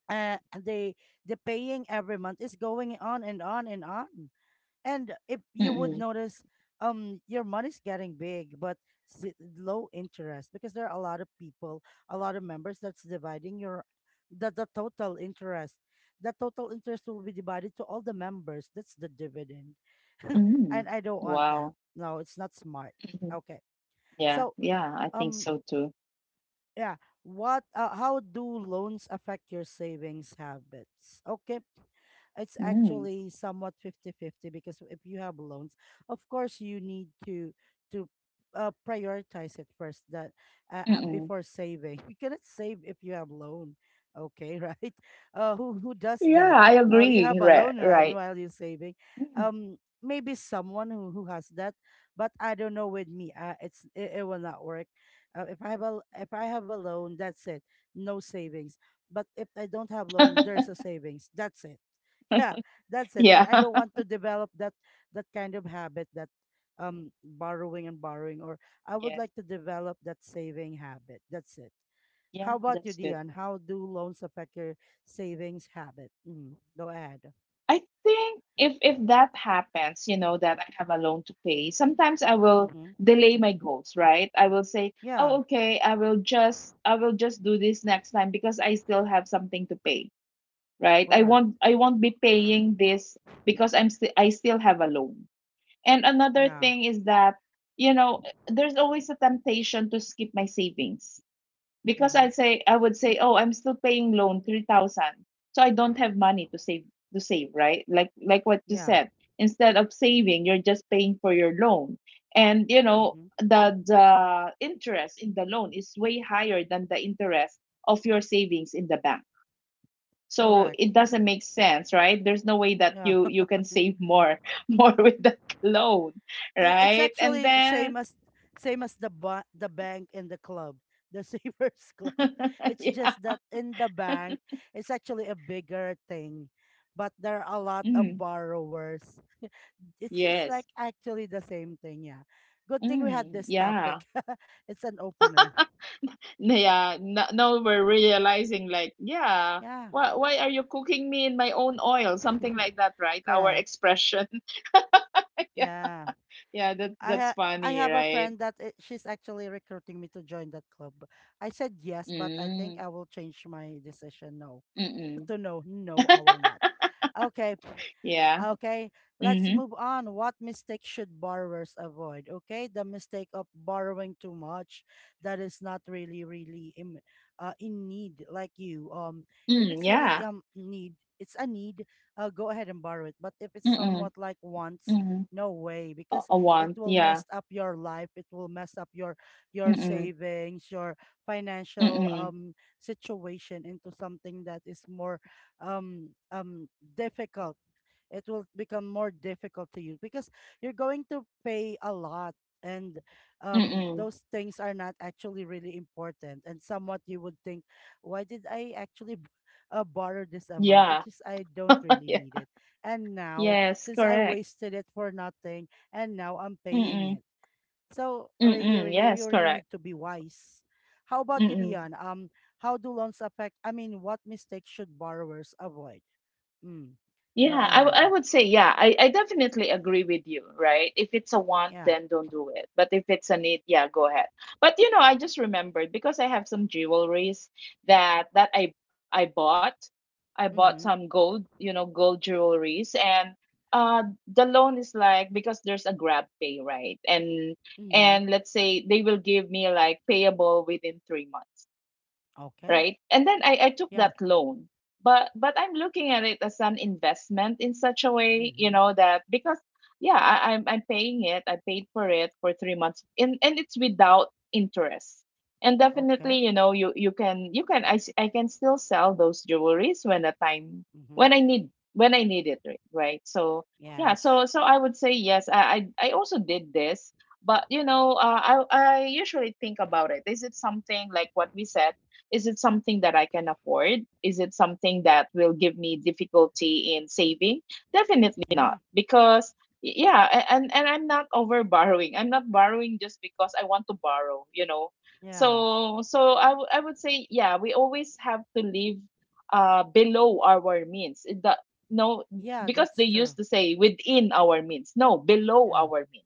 uh the the paying every month is going on and on and on. And if you would
Mm-mm.
notice, your money's getting big, but low interest, because there are a lot of people, a lot of members that's dividing your, the total interest. The total interest will be divided to all the members. That's the dividend.
Mm.
And I don't want
Wow.
that. No, it's not smart.
Mhm.
Okay,
Yeah.
so
Yeah. I think
um
so too.
yeah, what how do loans affect your savings habits? Okay, it's
Mm.
actually somewhat 50-50, because if you have loans, of course you need to, to prioritize it first, that,
Mm-mm.
before saving. You cannot save if you have loan. Okay, right? Who does
Yeah.
that?
I
You have
agree.
a
Right.
loan, right,
Right.
while you're saving.
Mm.
Um, Maybe someone who has that, but I don't know. With me, it will not work. If I have a loan, that's it. No savings. But if I don't have loan, there's a savings. That's it. Yeah, that's it. And
Yeah.
I don't want to develop that, that kind of habit, that borrowing and borrowing. Or I would
Yes.
like to develop that saving habit. That's it. How
Yeah,
about you,
that's good.
Dion? How do loans affect your savings habit? Go ahead.
I think if that happens, you know, that I have a loan to pay, sometimes I will
Mm-hmm.
delay my goals, right? I will say,
Yeah.
"Oh, okay, I will just do this next time because I still have something to pay." Right?
Correct.
I won't be paying this because I still have a loan. And another
Yeah.
thing is that, you know, there's always a temptation to skip my savings because
Mm-hmm.
I would say, oh, I'm still paying loan 3,000, so I don't have money to save, right, like what you
Yeah.
said. Instead of saving, you're just paying for your loan. And you know
Mm-hmm.
the interest in the loan is way higher than the interest of your savings in the bank, so
Correct.
it doesn't make sense, right? There's no way that
Yeah.
you can save more more with that loan,
It's
right? And
actually
then
same as the bank and the club, the savers club. It's just
yeah.
that in the bank, it's actually a bigger thing, but there are a lot of
Mm,
borrowers. It's like
yes.
actually the same thing. Yeah, good thing we had
Mm,
this
yeah.
topic. It's an opener.
Yeah, no, now we're realizing like, yeah,
Yeah.
why are you cooking me in my own oil, something like that, right? Our
Correct.
expression. Yeah.
Yeah,
Yeah, that that's
I
funny,
have a
right?
friend that, she's actually recruiting me to join that club. I said yes, but I think
Mm.
I will change my decision. No.
Mm-mm.
So no, no, I will not. Okay.
Yeah.
Okay, let's
Mm-hmm.
move on. What mistake should borrowers avoid? Okay, the mistake of borrowing too much that is not really, really in need like you. If
Mm,
it's really
yeah.
need, it's a need. Go ahead and borrow it. But if it's
Mm-mm.
somewhat like wants,
Mm-hmm.
no way,
a,
because
a
it
want,
will
yeah.
mess up your life. It will mess up your savings, your financial
Mm-mm.
situation into something that is more um um difficult. It will become more difficult to use, because you're going to pay a lot, and
Mm-mm.
those things are not actually really important, and somewhat you would think, why did I actually borrow this amount,
Yeah.
which is I don't really
Yeah.
need it? And now,
Yes,
since I
correct.
wasted it for nothing, and now I'm paying
Mm-mm.
it. So really,
Mm-mm.
really, you
Yes,
really need
correct.
to be wise. How about you,
Mm-mm.
Dion, how do loans affect, I mean, what mistakes should borrowers avoid? Mm. Go
Yeah, I
ahead.
would say, yeah, I definitely agree with you, right? If it's a want,
Yeah.
then don't do it. But if it's a need, yeah, go ahead. But you know, I just remembered because I have some jewelries that I bought. I bought
Mm-hmm.
some gold, you know, gold jewelries, and uh the loan is like, because there's a grab pay, right? And
Mm-hmm.
let's say they will give me like payable within 3 months,
Okay.
right? And then I took
Yeah.
that loan. But I'm looking at it as an investment in such a way, you
Mm-hmm.
know, that because yeah, I'm paying it. I paid for it for 3 months, and it's without interest. And definitely,
Okay.
you know, you can I can still sell those jewelries when the time
Mm-hmm.
when I need it, right? So yeah,
Yes.
so I would say yes. I also did this, but you know, I usually think about it. Is it something like what we said? Is it something that I can afford? Is it something that will give me difficulty in saving? Definitely
Yeah.
not, because yeah, and I'm not over borrowing. I'm not borrowing just because I want to borrow, you know.
Yeah.
So I would say, yeah, we always have to live below our means. It- The No,
Yeah,
because
that's
they used
true.
to say within our means. No, below
Yeah.
our means,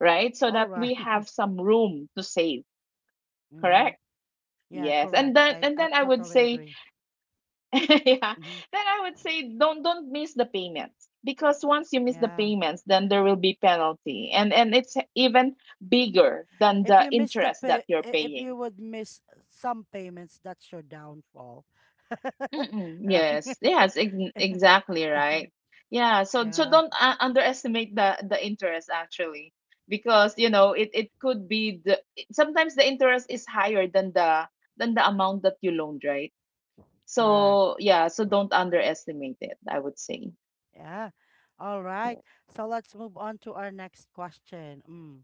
right? So
All
that
right.
we have some room to save,
Mm-hmm.
correct?
Yeah,
Yes, and
correct. I, I
then I would
totally
say,
agree.
yeah,
Mm-hmm.
then I would say, don't miss the payments, because once you miss the
Yeah.
payments, then there will be penalty, and it's even bigger than
If
the
you miss the
interest
pay,
that you're
if you
paying.
would miss some payments, that's your downfall.
Mm-mm,
Right?
yes, yes, ex exactly right. Yeah, so
Yeah.
don't underestimate the interest actually, because you
Yeah,
know it could be sometimes the interest is higher than the amount that you loaned, right?
correct.
So, yeah, so don't underestimate it, I would say.
Yeah. All right.
Yeah.
So let's move on to our next question. Mm.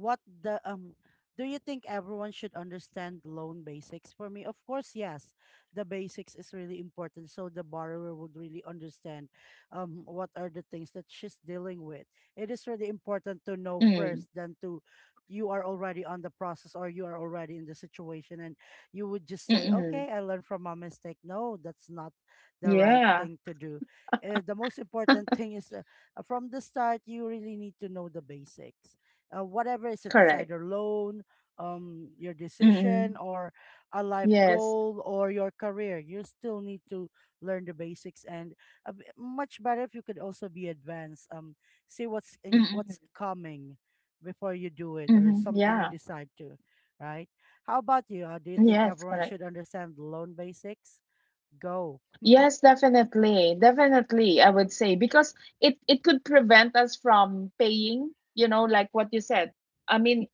what the Do you think everyone should understand loan basics? For me, of course yes. The basics is really important, so the borrower would really understand what are the things that she's dealing with. It is really important to know
Mm.
first, than to, you are already on the process, or you are already in the situation and you would just say,
Mm-mm.
okay, I learned from my mistake. No, that's not the right
Yeah,
thing to do. The most important thing is, from the start, you really need to know the basics, whatever is it. It's
correct.
either loan, your decision,
Mm-mm.
or a life
Yes.
goal, or your career, you still need to learn the basics. And much better if you could also be advanced, see what's what's
Mm-mm.
coming before you do it, or
Mm-hmm.
something you
Yeah.
decide to. Right? How about you, do you think
Yes,
everyone
correct.
should understand loan basics? Go.
Yes, definitely. Definitely, I would say, because it could prevent us from paying, you know, like what you said. I mean,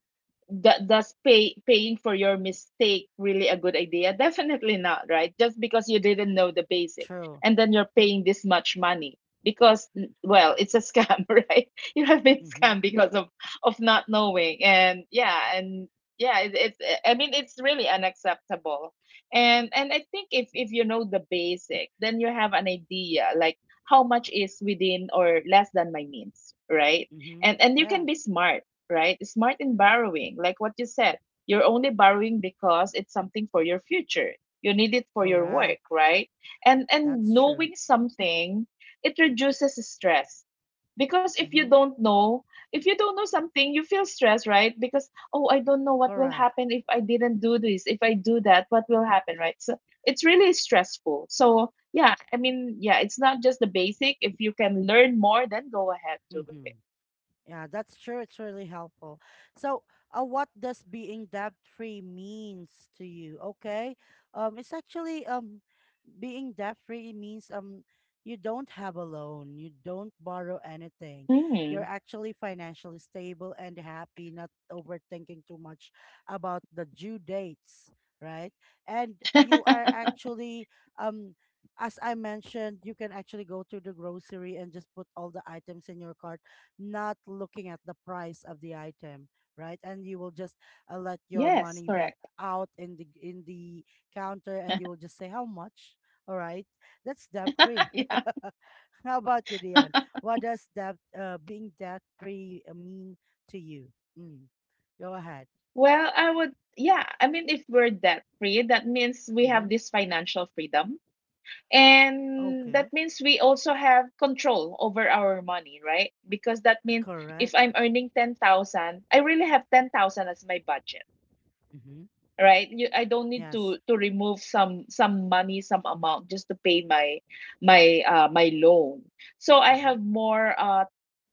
that does pay paying for your mistake really a good idea? Definitely not, right? Just because you didn't know the basic,
True.
and then you're paying this much money because well, it's a scam. Right? You have been
Mm-hmm.
scammed because of not knowing. And yeah, and yeah, it's, I mean, it's really unacceptable. And I think if you know the basic, then you have an idea like how much is within or less than my means, right?
Mm-hmm.
And you
Yeah.
can be smart, right? Smart in borrowing, like what you said. You're only borrowing because it's something for your future. You need it for your work,
Correct.
right? And
That's true.
knowing something, it reduces stress. Because
Mm-hmm.
if you don't know something, you feel stressed, right? Because oh, I don't know what will
Correct.
happen if I didn't do this, if I do that, what will happen, right? So it's really stressful. So yeah, I mean, yeah, it's not just the basic. If you can learn more, then go ahead, do
Mm-hmm. Yeah, that's true. It's really helpful. So, what does being debt free means to you? Okay, it's actually being debt free means, you don't have a loan, you don't borrow anything.
it.
You're actually financially stable and happy, not overthinking too much about the due dates, right? And you are
Mm.
actually um. as I mentioned, you can actually go to the grocery and just put all the items in your cart, not looking at the price of the item, right? And you will just, let your
Yes,
money be
correct.
out in the counter, and you will just say how much. All right, that's debt free.
Yeah.
How about you, Dian? What does debt being debt free mean to you? Mm. Go ahead.
Well, I would, yeah. I mean, if we're debt free, that means we
Mm-hmm.
have this financial freedom. And
Okay.
that means we also have control over our money, right? Because that means
Correct.
if I'm earning 10,000, I really have 10,000 as my budget.
Mm-hmm.
Right. I don't need
Yes.
to remove some money, some amount just to pay my loan, so I
Mm-hmm.
have more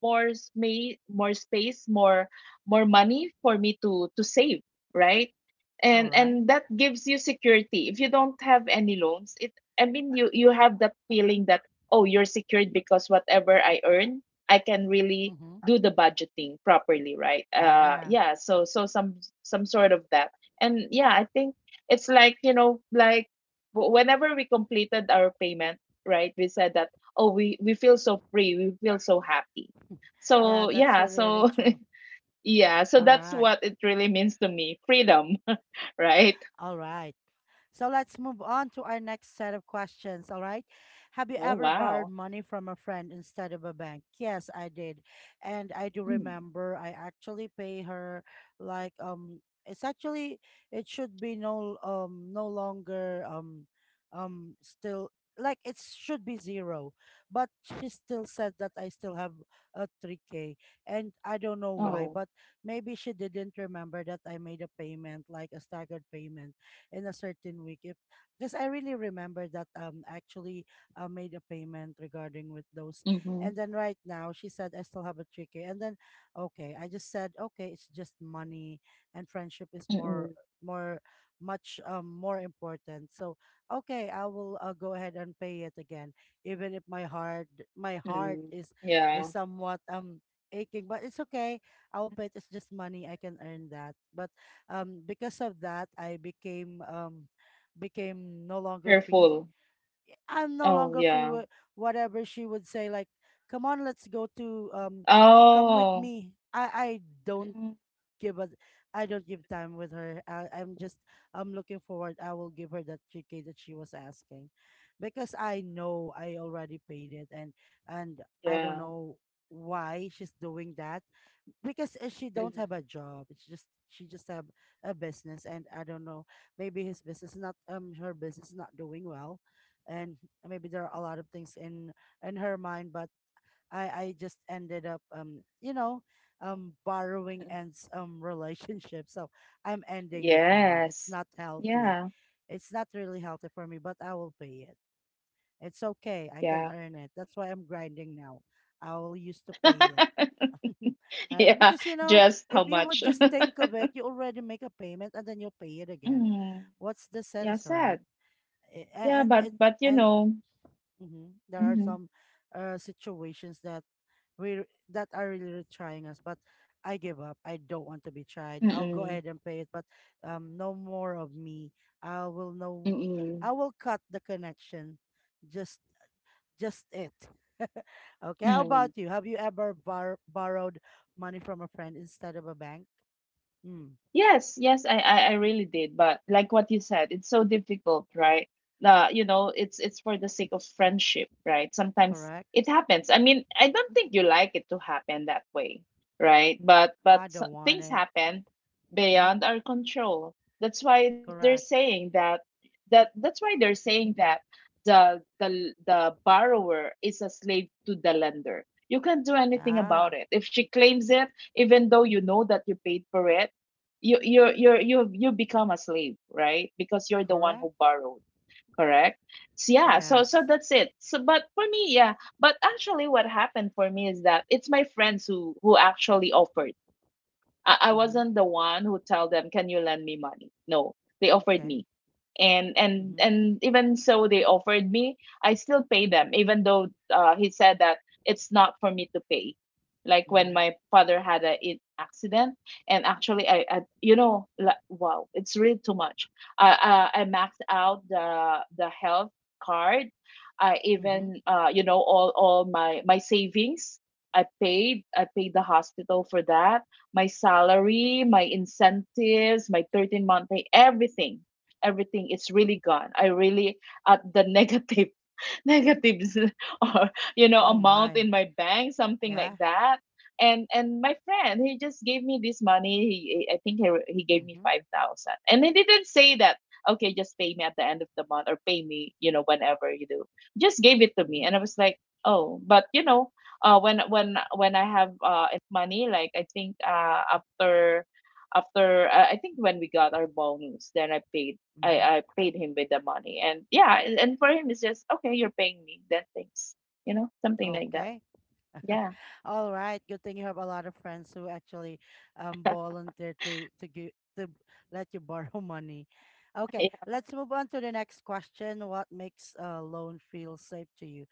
more space, more money for me to save, right?
All
and
right.
and that gives you security. If you don't have any loans, it I mean, you have that feeling that, oh, you're secured because whatever I earn, I can really
Mm-hmm.
do the budgeting properly, right? Uh,
Yeah.
yeah, so some sort of that. And yeah, I think it's like, you know, like whenever we completed our payment, right? We said that, oh, we feel so free. We feel so happy.
Yeah,
So
that's
yeah,
really, really
so
true.
yeah, so that's
Correct.
what it really means to me, freedom, right?
All right. So let's move on to our next set of questions. All right. Have you
Oh,
ever borrowed
wow.
money from a friend instead of a bank? Yes, I did. And I do
Mm.
remember I actually pay her like, it's actually it should be no longer, still like it should be zero, but she still said that I still have a 3k, and I don't know why.
Oh,
But maybe she didn't remember that I made a payment, like a staggered payment in a certain week, if because I really remember that, actually made a payment regarding with those.
mm-hmm.
And then right now she said I still have a 3k. And then, okay, I just said, okay, it's just money, and friendship is
Mm-mm.
more, more, much more important. So okay, I will, go ahead and pay it again, even if my heart, my heart
Mm.
is
Yeah,
somewhat aching. But it's okay, I'll pay it. It's just money. I can earn that. But because of that, I became became no longer free.
careful.
I'm no
Oh,
longer free
yeah.
with whatever she would say. Like, come on, let's go to, come with
Oh,
me. I don't
mm-mm.
give us, I don't give time with her. I'm just, I'm looking forward. I will give her that 3K that she was asking. Because I know I already paid it, and I don't
Yeah.
know why she's doing that, because she
Mm-hmm.
don't
Mm-hmm.
have a job. It's just, she just have a business, and I don't know, maybe his business not her business not doing well. And maybe there are a lot of things in her mind, but I just ended up you know borrowing and relationship. So I'm ending it now. It's
Yes.
not healthy.
Yeah.
It's not really healthy for me, but I will pay it. It's okay. I can
Yeah.
earn it. That's why I'm grinding now. I will used to pay it. Right?
Yeah,
Because you know,
just how
if you
much.
would just think of it, you already make a payment and then you'll pay it again.
Mm,
What's the
yeah,
sense, right?
sad. Yeah,
And it,
but you
and,
know,
mm-hmm. There are
mm-hmm,
some situations that we, that are really really trying us, but I give up. I don't want to be tried. I'll go
mm-mm,
ahead and pay it, but no more of me. I will no,
mm-mm,
I will cut the connection. Just, just it. Okay. How
mm,
about you? Have you ever borrowed money from a friend instead of a bank? Mm.
yes, yes, I really did. But like what you said, it's so difficult, right? You know, it's for the sake of friendship, right? Sometimes
Correct.
it happens. I mean, I don't think you like it to happen that way, right? But but
I
s-
don't want
things
it.
happen
Yeah.
beyond our control. That's why they're
Correct.
saying that that that's why they're saying that the borrower is a slave to the lender. You can't do anything
Yeah.
about it. If she claims it, even though you know that you paid for it, you become a slave, right? Because you're the one
Correct.
who borrowed. Correct. So, so
Yes.
that's it. So but for me, yeah, but actually what happened for me is that it's my friends who actually offered. I
Mm-hmm.
wasn't the one who tell them, "Can you lend me money?" No, they offered
Okay.
me, and and
Mm-hmm.
and even so, they offered me. I still pay them, even though he said that it's not for me to pay. Like when
Mm-hmm.
my father had a accident, and actually, I you know, like, wow, it's really too much. I maxed out the health card. I
Mm-hmm.
even, all my savings. I paid the hospital for that, my salary, my incentives, my 13th month pay, everything, everything is really gone. I really at the negative, negatives or you know
Oh
amount
my.
in my bank, something like
Yeah.
that. And my friend, he just gave me this money. He I think he gave me
Mm-hmm.
5,000, and he didn't say that, "Okay, just pay me at the end of the month or pay me, you know, whenever you do." Just gave it to me, and
Mm-hmm.
I was like, oh, but you know, when I have enough money, like I think after I think when we got our bonus, then I paid I
Mm-hmm.
I paid him with the money. And yeah, and for him it's just okay, you're paying me, then thanks, you know, something like that.
Okay.
Yeah.
All right. Good thing you have a lot of friends who actually volunteer to let you borrow money. Okay.
Yeah.
Let's move on to the next question. What makes a loan feel safe to you?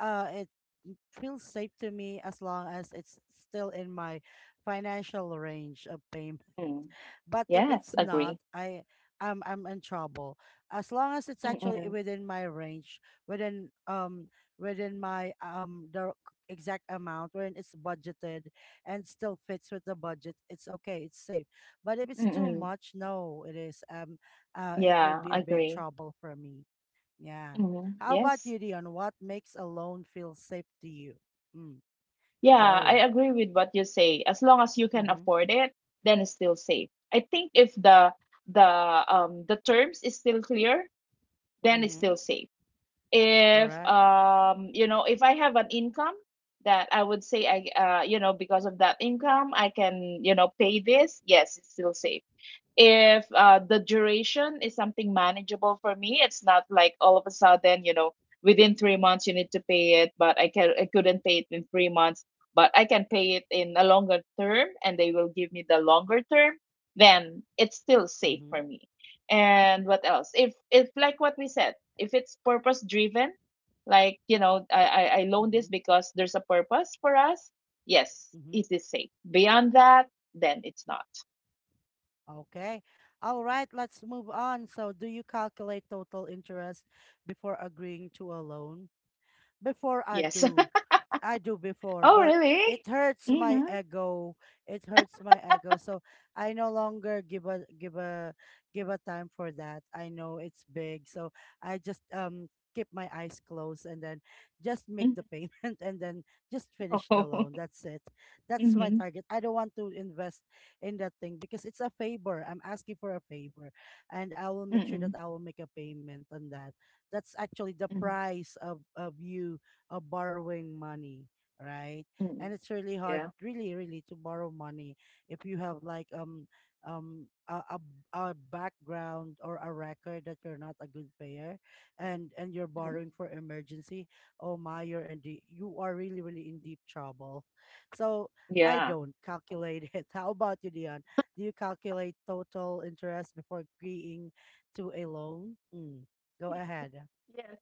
Uh it Feels safe to me as long as it's still in my financial range of payment.
Mm.
But if
Yes,
it's
agree.
not, I'm I'm in trouble. As long as it's
Mm.
actually
Mm.
within my range, within within my the exact amount when it's budgeted and still fits with the budget, it's okay, it's safe. But if it's
Mm.
too
Mm.
much, no, it is it will
Yeah,
be a big
agree.
trouble for me. Yeah.
Mm.
How
Yes.
about you, Dion? What makes a loan feel safe to you? Mm,
Yeah, I
go.
agree with what you say. As long as you can
Mm-hmm.
afford it, then it's still safe. I think if the the terms is still clear, then it's still
Mm-hmm.
safe. If
Correct.
you know, if I have an income that I would say I you know, because of that income I can, you know, pay this, yes, it's still safe. If the duration is something manageable for me, it's not like all of a sudden, you know, within 3 months you need to pay it, but I couldn't pay it in 3 months, but I can pay it in a longer term and they will give me the longer term, then it's still safe
Mm-hmm.
for me. And what else, if like what we said, if it's purpose driven, like you know, I loan this
Mm-hmm.
because there's a purpose for us. Yes,
Mm-hmm.
it is safe. Beyond that, then it's not.
Okay. All right, let's move on. So, do you calculate total interest before agreeing to a loan? Before, I
Yes.
do. I do before,
Oh,
but it
really?
hurts my
Mhm.
ego. It hurts my ego. So I no longer give a give a time for that. I know it's big. So I just keep my eyes closed, and then just make the
Mhm.
payment and then just finish the
Oh.
loan. That's it. That's my
Mhm.
target. I don't want to invest in that thing, because it's a favor. I'm asking for a favor, and I will make sure
Mm.
that I will make a payment on that. That's actually the
Mhm. Mm.
price of you, borrowing money, right? And it's really hard,
Yeah.
really, really, to borrow money if you have like um a, a, a background or a record that you're not a good payer, and you're
Mm.
borrowing for emergency. Oh my, you're in the, you are really, really in deep trouble. So I
Yeah.
don't calculate it. How about you, Dion? Do you calculate total interest before agreeing to a loan? Mm. Go
Yeah,
ahead.
yeah.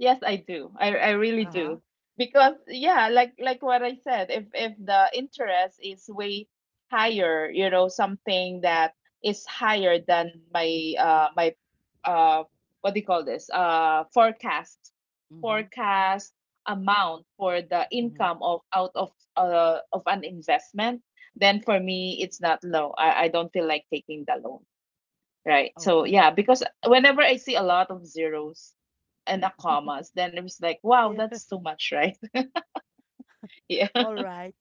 Yes, I do. I really
Uh huh.
do. Because yeah, like what I said, if the interest is way higher, you know, something that is higher than my uh what do you call this? Forecast,
Mm hmm.
forecast amount for the
Mm hmm.
income of out of an investment, then for me it's not low. I don't feel like taking the loan. Right. So
Okay.
yeah, because whenever I see a lot of zeros and a commas, then it was like, wow,
Yeah.
that's too much, right? Yeah.
All right.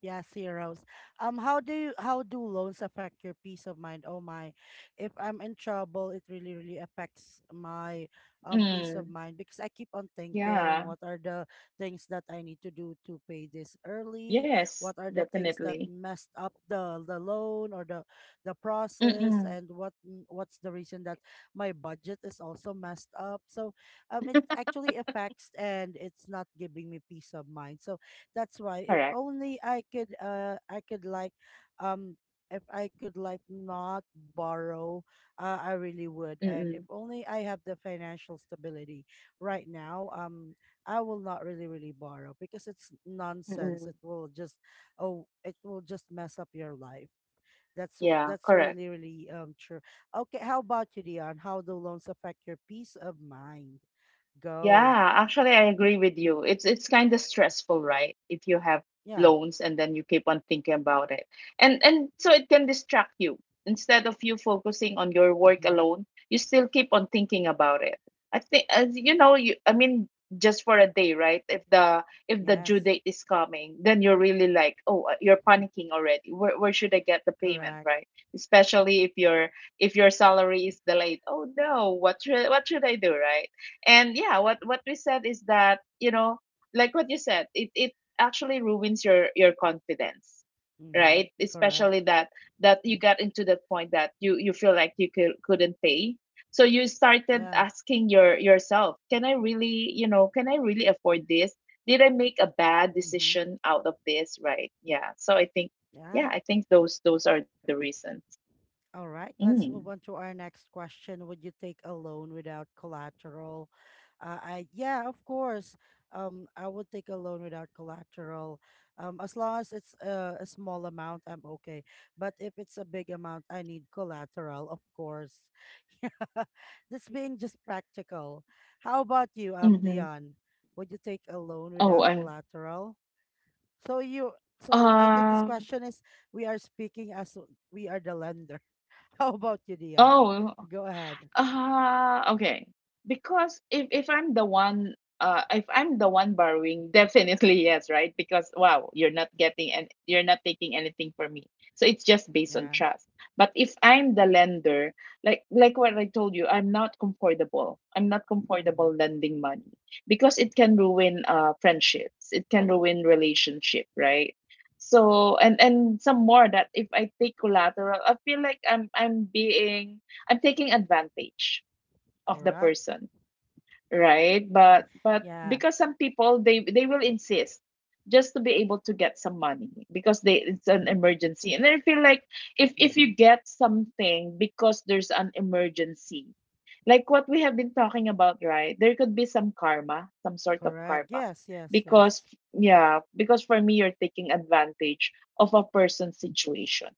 Yes, heroes. How do loans affect your peace of mind? Oh my, if I'm in trouble, it really, really affects my peace of
Mm.
mind because I keep on thinking,
Yeah.
what are the things that I need to do to pay this early?
Yes,
What are the things
definitely.
that messed up the loan or the
Mm-mm.
process? And what's the reason that my budget is also messed up? So, it actually affects and it's not giving me peace of mind. So that's why
Correct.
if only I could like um if I could like not borrow, I really would.
Mm-mm.
And if only I have the financial stability right now, I will not really really borrow because it's
Mm-mm.
nonsense. It will just. Oh, it will just mess up your life. That's
Yeah,
that's
correct.
really really true. Okay, how about you, Dion? How do loans affect your peace of mind? Go.
Yeah, actually, I agree with you. It's kind of stressful, right? If you have
Yeah.
loans and then you keep on thinking about it, and so it can distract you. Instead of you focusing on your work
Mm-hmm.
alone, you still keep on thinking about it. I think, as you know, just for a day, right? If the due
Yes.
date is coming, then you're really like, oh, you're
Mm,
panicking already. Where should I get the payment,
correct.
right? Especially if your salary is delayed. Oh no, what should I do, right? And yeah, what we said is that, you know, like what you said, it actually ruins your confidence, right?
Mm-hmm. Correct.
Especially that you got into the point that you feel like you could, couldn't pay. So you started
Yeah.
asking yourself, can I really, you know, can I really afford this? Did I make a bad
Mm-hmm.
decision out of this, right? Yeah, so I think,
Yeah.
yeah, I think those are the reasons.
All right. Let's
Mm.
move on to our next question. Would you take a loan without collateral? I yeah, of course. I would take a loan without collateral. As long as it's a small amount, I'm okay. But if it's a big amount, I need collateral, of course. Yeah. That's being just practical. How about you,
Mm-hmm.
Dion? Would you take a loan without
Oh.
collateral? So you
uh,
so I think this
um
question is we are speaking as we are the lender. How about you, Dion?
oh.
Go ahead.
Okay. Because if I'm the one, if I'm the one borrowing, definitely yes, right? Because wow, you're not getting and you're not taking anything from me. So it's just based on
Yeah.
trust. But if I'm the lender, like what I told you, I'm not comfortable. I'm not comfortable
Mm-hmm.
lending money because it can ruin friendships. It can ruin relationship, right? So and some more that if I take collateral, I feel like I'm being, I'm taking advantage of the
Correct.
person, right? But
Yeah.
because some people, they will insist just to be able to get some money because they it's an emergency. And I feel like if
Mm-hmm.
you get something because there's an emergency, like what we have been talking about, right? There could be some karma, some sort of
Correct.
karma.
Yes, yes, yes.
Because yeah, because for me, you're taking advantage of a person's situation.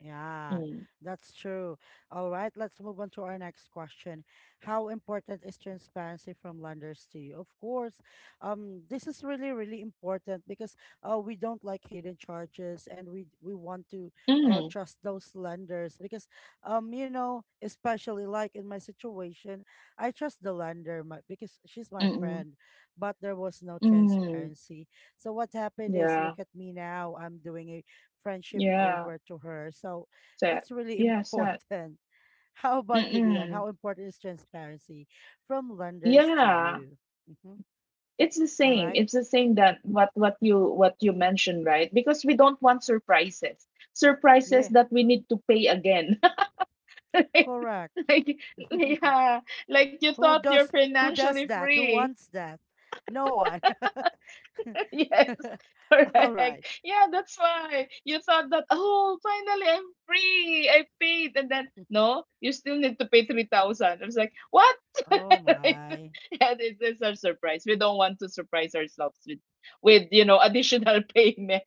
Yeah,
Mm.
that's true. All right, let's move on to our next question. How important is transparency from lenders to you? Of course, this is really, really important because we don't like hidden charges and we want to
Mm.
trust those lenders because you know, especially like in my situation, I trust the lender my, because she's my
Mm.
friend, but there was no
Mm.
transparency. So what happened is,
Yeah.
look at me now. I'm doing a friendship
Yeah,
over to her. So
sad.
it's really
Yeah, sad.
important. How about you, Dion?
Mm-mm.
How important is transparency from lenders to
Yeah,
you? Mm-hmm.
it's the
All
same.
right.
It's the same that what you, what you mentioned, right? Because we don't want surprises. Surprises
Yeah,
that we need to pay again.
correct.
Like, yeah, like you
who
thought you're
does who does
financially
that? Who
free.
wants that? No one.
Yes,
All right.
correct. Yeah, that's why you thought that, oh, finally I'm free. I paid. And then, no, you still need to pay 3,000. I was like, what?
Oh
Right?
my.
Yeah, it is our surprise. We don't want to surprise ourselves with, you know, additional payment.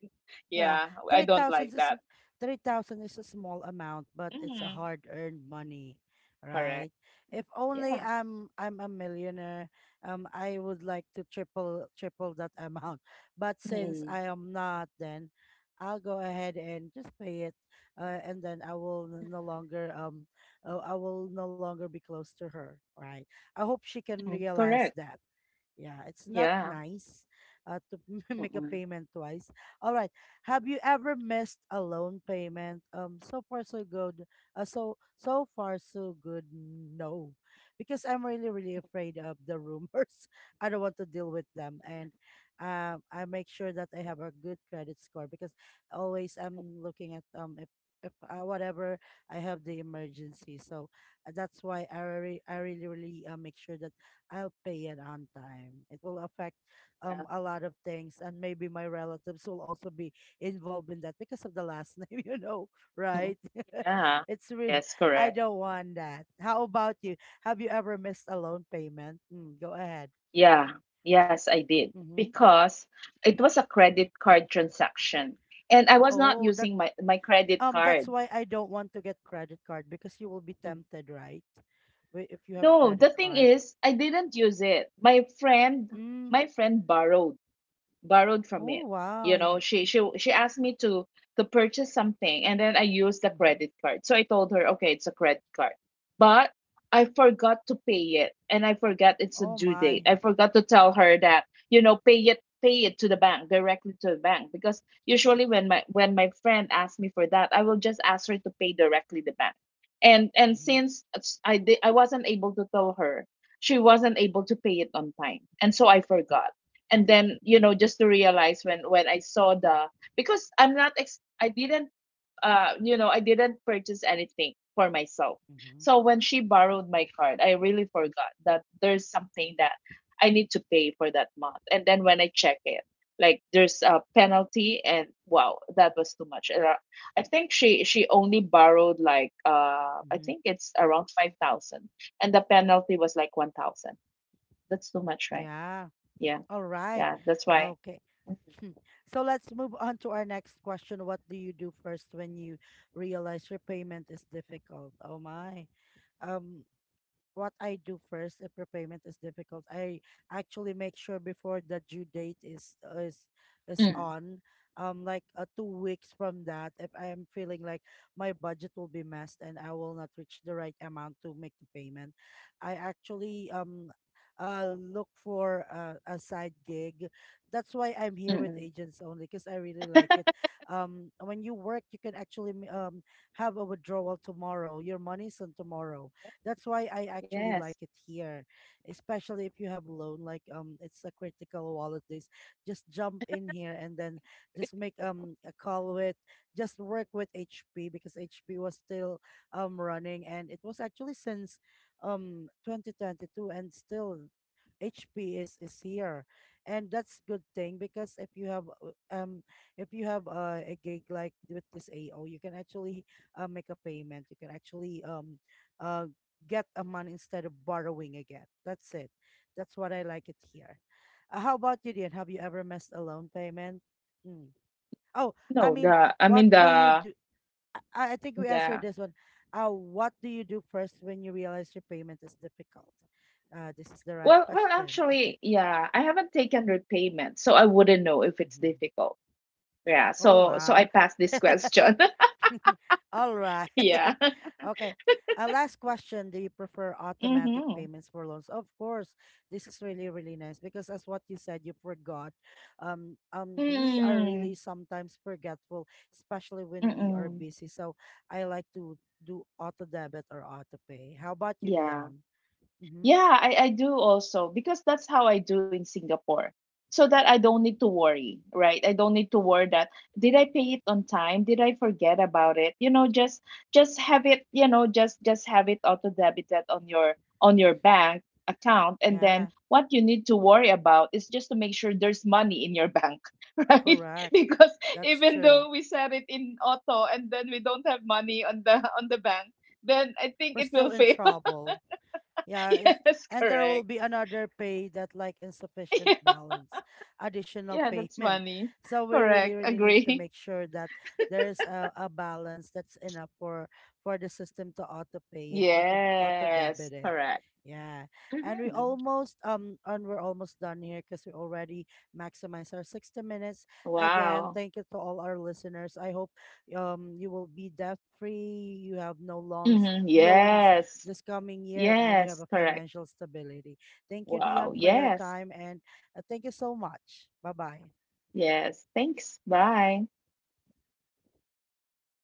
Yeah,
Yeah, I don't
3,000
like
is
that.
3,000 is a small amount, but it's a
Mm,
hard-earned money,
correct.
right? If only
Yeah.
I'm a millionaire, I would like to triple that amount. But since
Mm-mm.
I am not, then I'll go ahead and just pay it, and then no longer I will no longer be close to her, right? I hope she can
Mm,
realize
correct.
that. Yeah, it's not
Yeah.
nice to make a
Mm-mm.
payment twice. All right. Have you ever missed a loan payment? So far so good. So so far so good. No, because I'm really really afraid of the rumors. I don't want to deal with them, and I make sure that I have a good credit score because always I'm looking at if whatever I have the emergency. So that's why I really really make sure that. I'll pay it on time. It will affect
Yeah.
a lot of things, and maybe my relatives will also be involved in that because of the last name, you know,
Mm-mm.
right?
Yeah.
it's re-
Yes,
I
correct.
don't want that. How about you? Have you ever missed a loan payment? Mm, go ahead.
Yeah, yes, I did,
Mm-hmm.
because it was a credit card transaction and I was not
Oh, that
using my credit
that's
card.
why I don't want to get credit card because you will be
Mm.
tempted, right? If you have
No,
credit
the thing
card.
is, I didn't use it.
Mm.
My friend borrowed from
Oh
it. You
wow.
know, she she asked me to purchase something and then I used the
Mm-hmm.
credit card. So I told her, "Okay, it's a credit card." But I forgot to pay it and I forgot it's a
Oh
due date.
my.
I forgot to tell her that, you know, pay it to the bank, directly to the bank, because usually when my friend asks me for that, I will just ask her to pay directly the bank. And
Mm-hmm.
since I did, I wasn't able to tell her, she wasn't able to pay it on time. And so I forgot, and then you know, just to realize when I saw the, because I'm not ex- I didn't you know, I didn't purchase anything for myself, so when she borrowed my card, I really forgot that there's something that I need to pay for that month. And then when I check it, like there's a penalty, and wow, that was too much. And, I think she only borrowed like, I
Mm-hmm.
think it's around 5,000, and the penalty was like 1,000. That's too much, right?
Yeah.
Yeah.
All right.
Yeah, that's why.
Okay.
Mm-hmm.
So let's move on to our next question. What do you do first when you realize repayment is difficult? Oh my. Um, what I do first if repayment is difficult, I actually make sure before the due date is is
Mm,
on, like 2 weeks from that, if I am feeling like my budget will be messed and I will not reach the right amount to make the payment, I actually look for a side gig. That's why I'm here with
mm.
agents only because I really like it. When you work, you can actually have a withdrawal tomorrow. Your money's on tomorrow, that's why I actually
Yes.
like it here, especially if you have loan. Like it's a critical wallet days. Just jump in here and then just make a call with, just work with HP because HP was still running and it was actually since 2022 and still HP is here and that's good thing because if you have a gig like with this AO you can actually make a payment you can actually uh, get a money instead of borrowing again. That's it. That's what I like it here. How about you, Dian? Have you ever missed a loan payment? Mm. Oh, I
No,
mean,
the I
what
mean
do you
the
do? I think we answered
yeah.
this one. What do you do first when you realize your payment is difficult? This is the right
Well, well,
question. Okay.
actually, yeah, I haven't taken repayment, so I wouldn't know if it's
Hmm.
difficult. Yeah,
Oh,
so so
wow.
I pass this question.
All right.
Yeah.
Okay. Last question. Do you prefer automatic
Mm-hmm.
payments for loans? Of course, this is really, really nice because as what you said, you forgot. We are really
Mm-mm.
sometimes forgetful, especially when we are
Mm-mm.
busy. So I like to do auto debit or auto pay. How about you,
Yeah.
Dion? Mm-hmm.
Yeah, I do also because that's how I do in Singapore. So that I don't need to worry, right? I don't need to worry that did I pay it on time? Did I forget about it? You know, just have it, you know, just have it auto debited on your bank account, and
Yeah,
then what you need to worry about is just to make sure there's money in your bank, right?
correct.
Because
That's
even
true.
though we set it in auto and then we don't have money on the bank, then I think
We're
it
still
will
in
fail.
trouble. Yeah, it's,
Yes,
and there will
correct.
be another pay that like insufficient balance, additional
Yeah, that's
payment.
funny.
So we really,
Correct.
really need to
Agree.
make sure that there's a balance that's enough for the system to auto pay it or to auto
Yes,
debit it.
correct.
Yeah, and
Hmm.
we're almost done here because we already maximized our 60 minutes. Again,
Wow.
thank you to all our listeners. I hope you will be debt free. You have no
Hmm.
loans
Yes.
this coming year and you have
Yes,
a
correct.
financial stability. Thank you,
Wow.
Dion, for your
Yes.
time and thank you so much. Bye bye.
Yes. Thanks. Bye.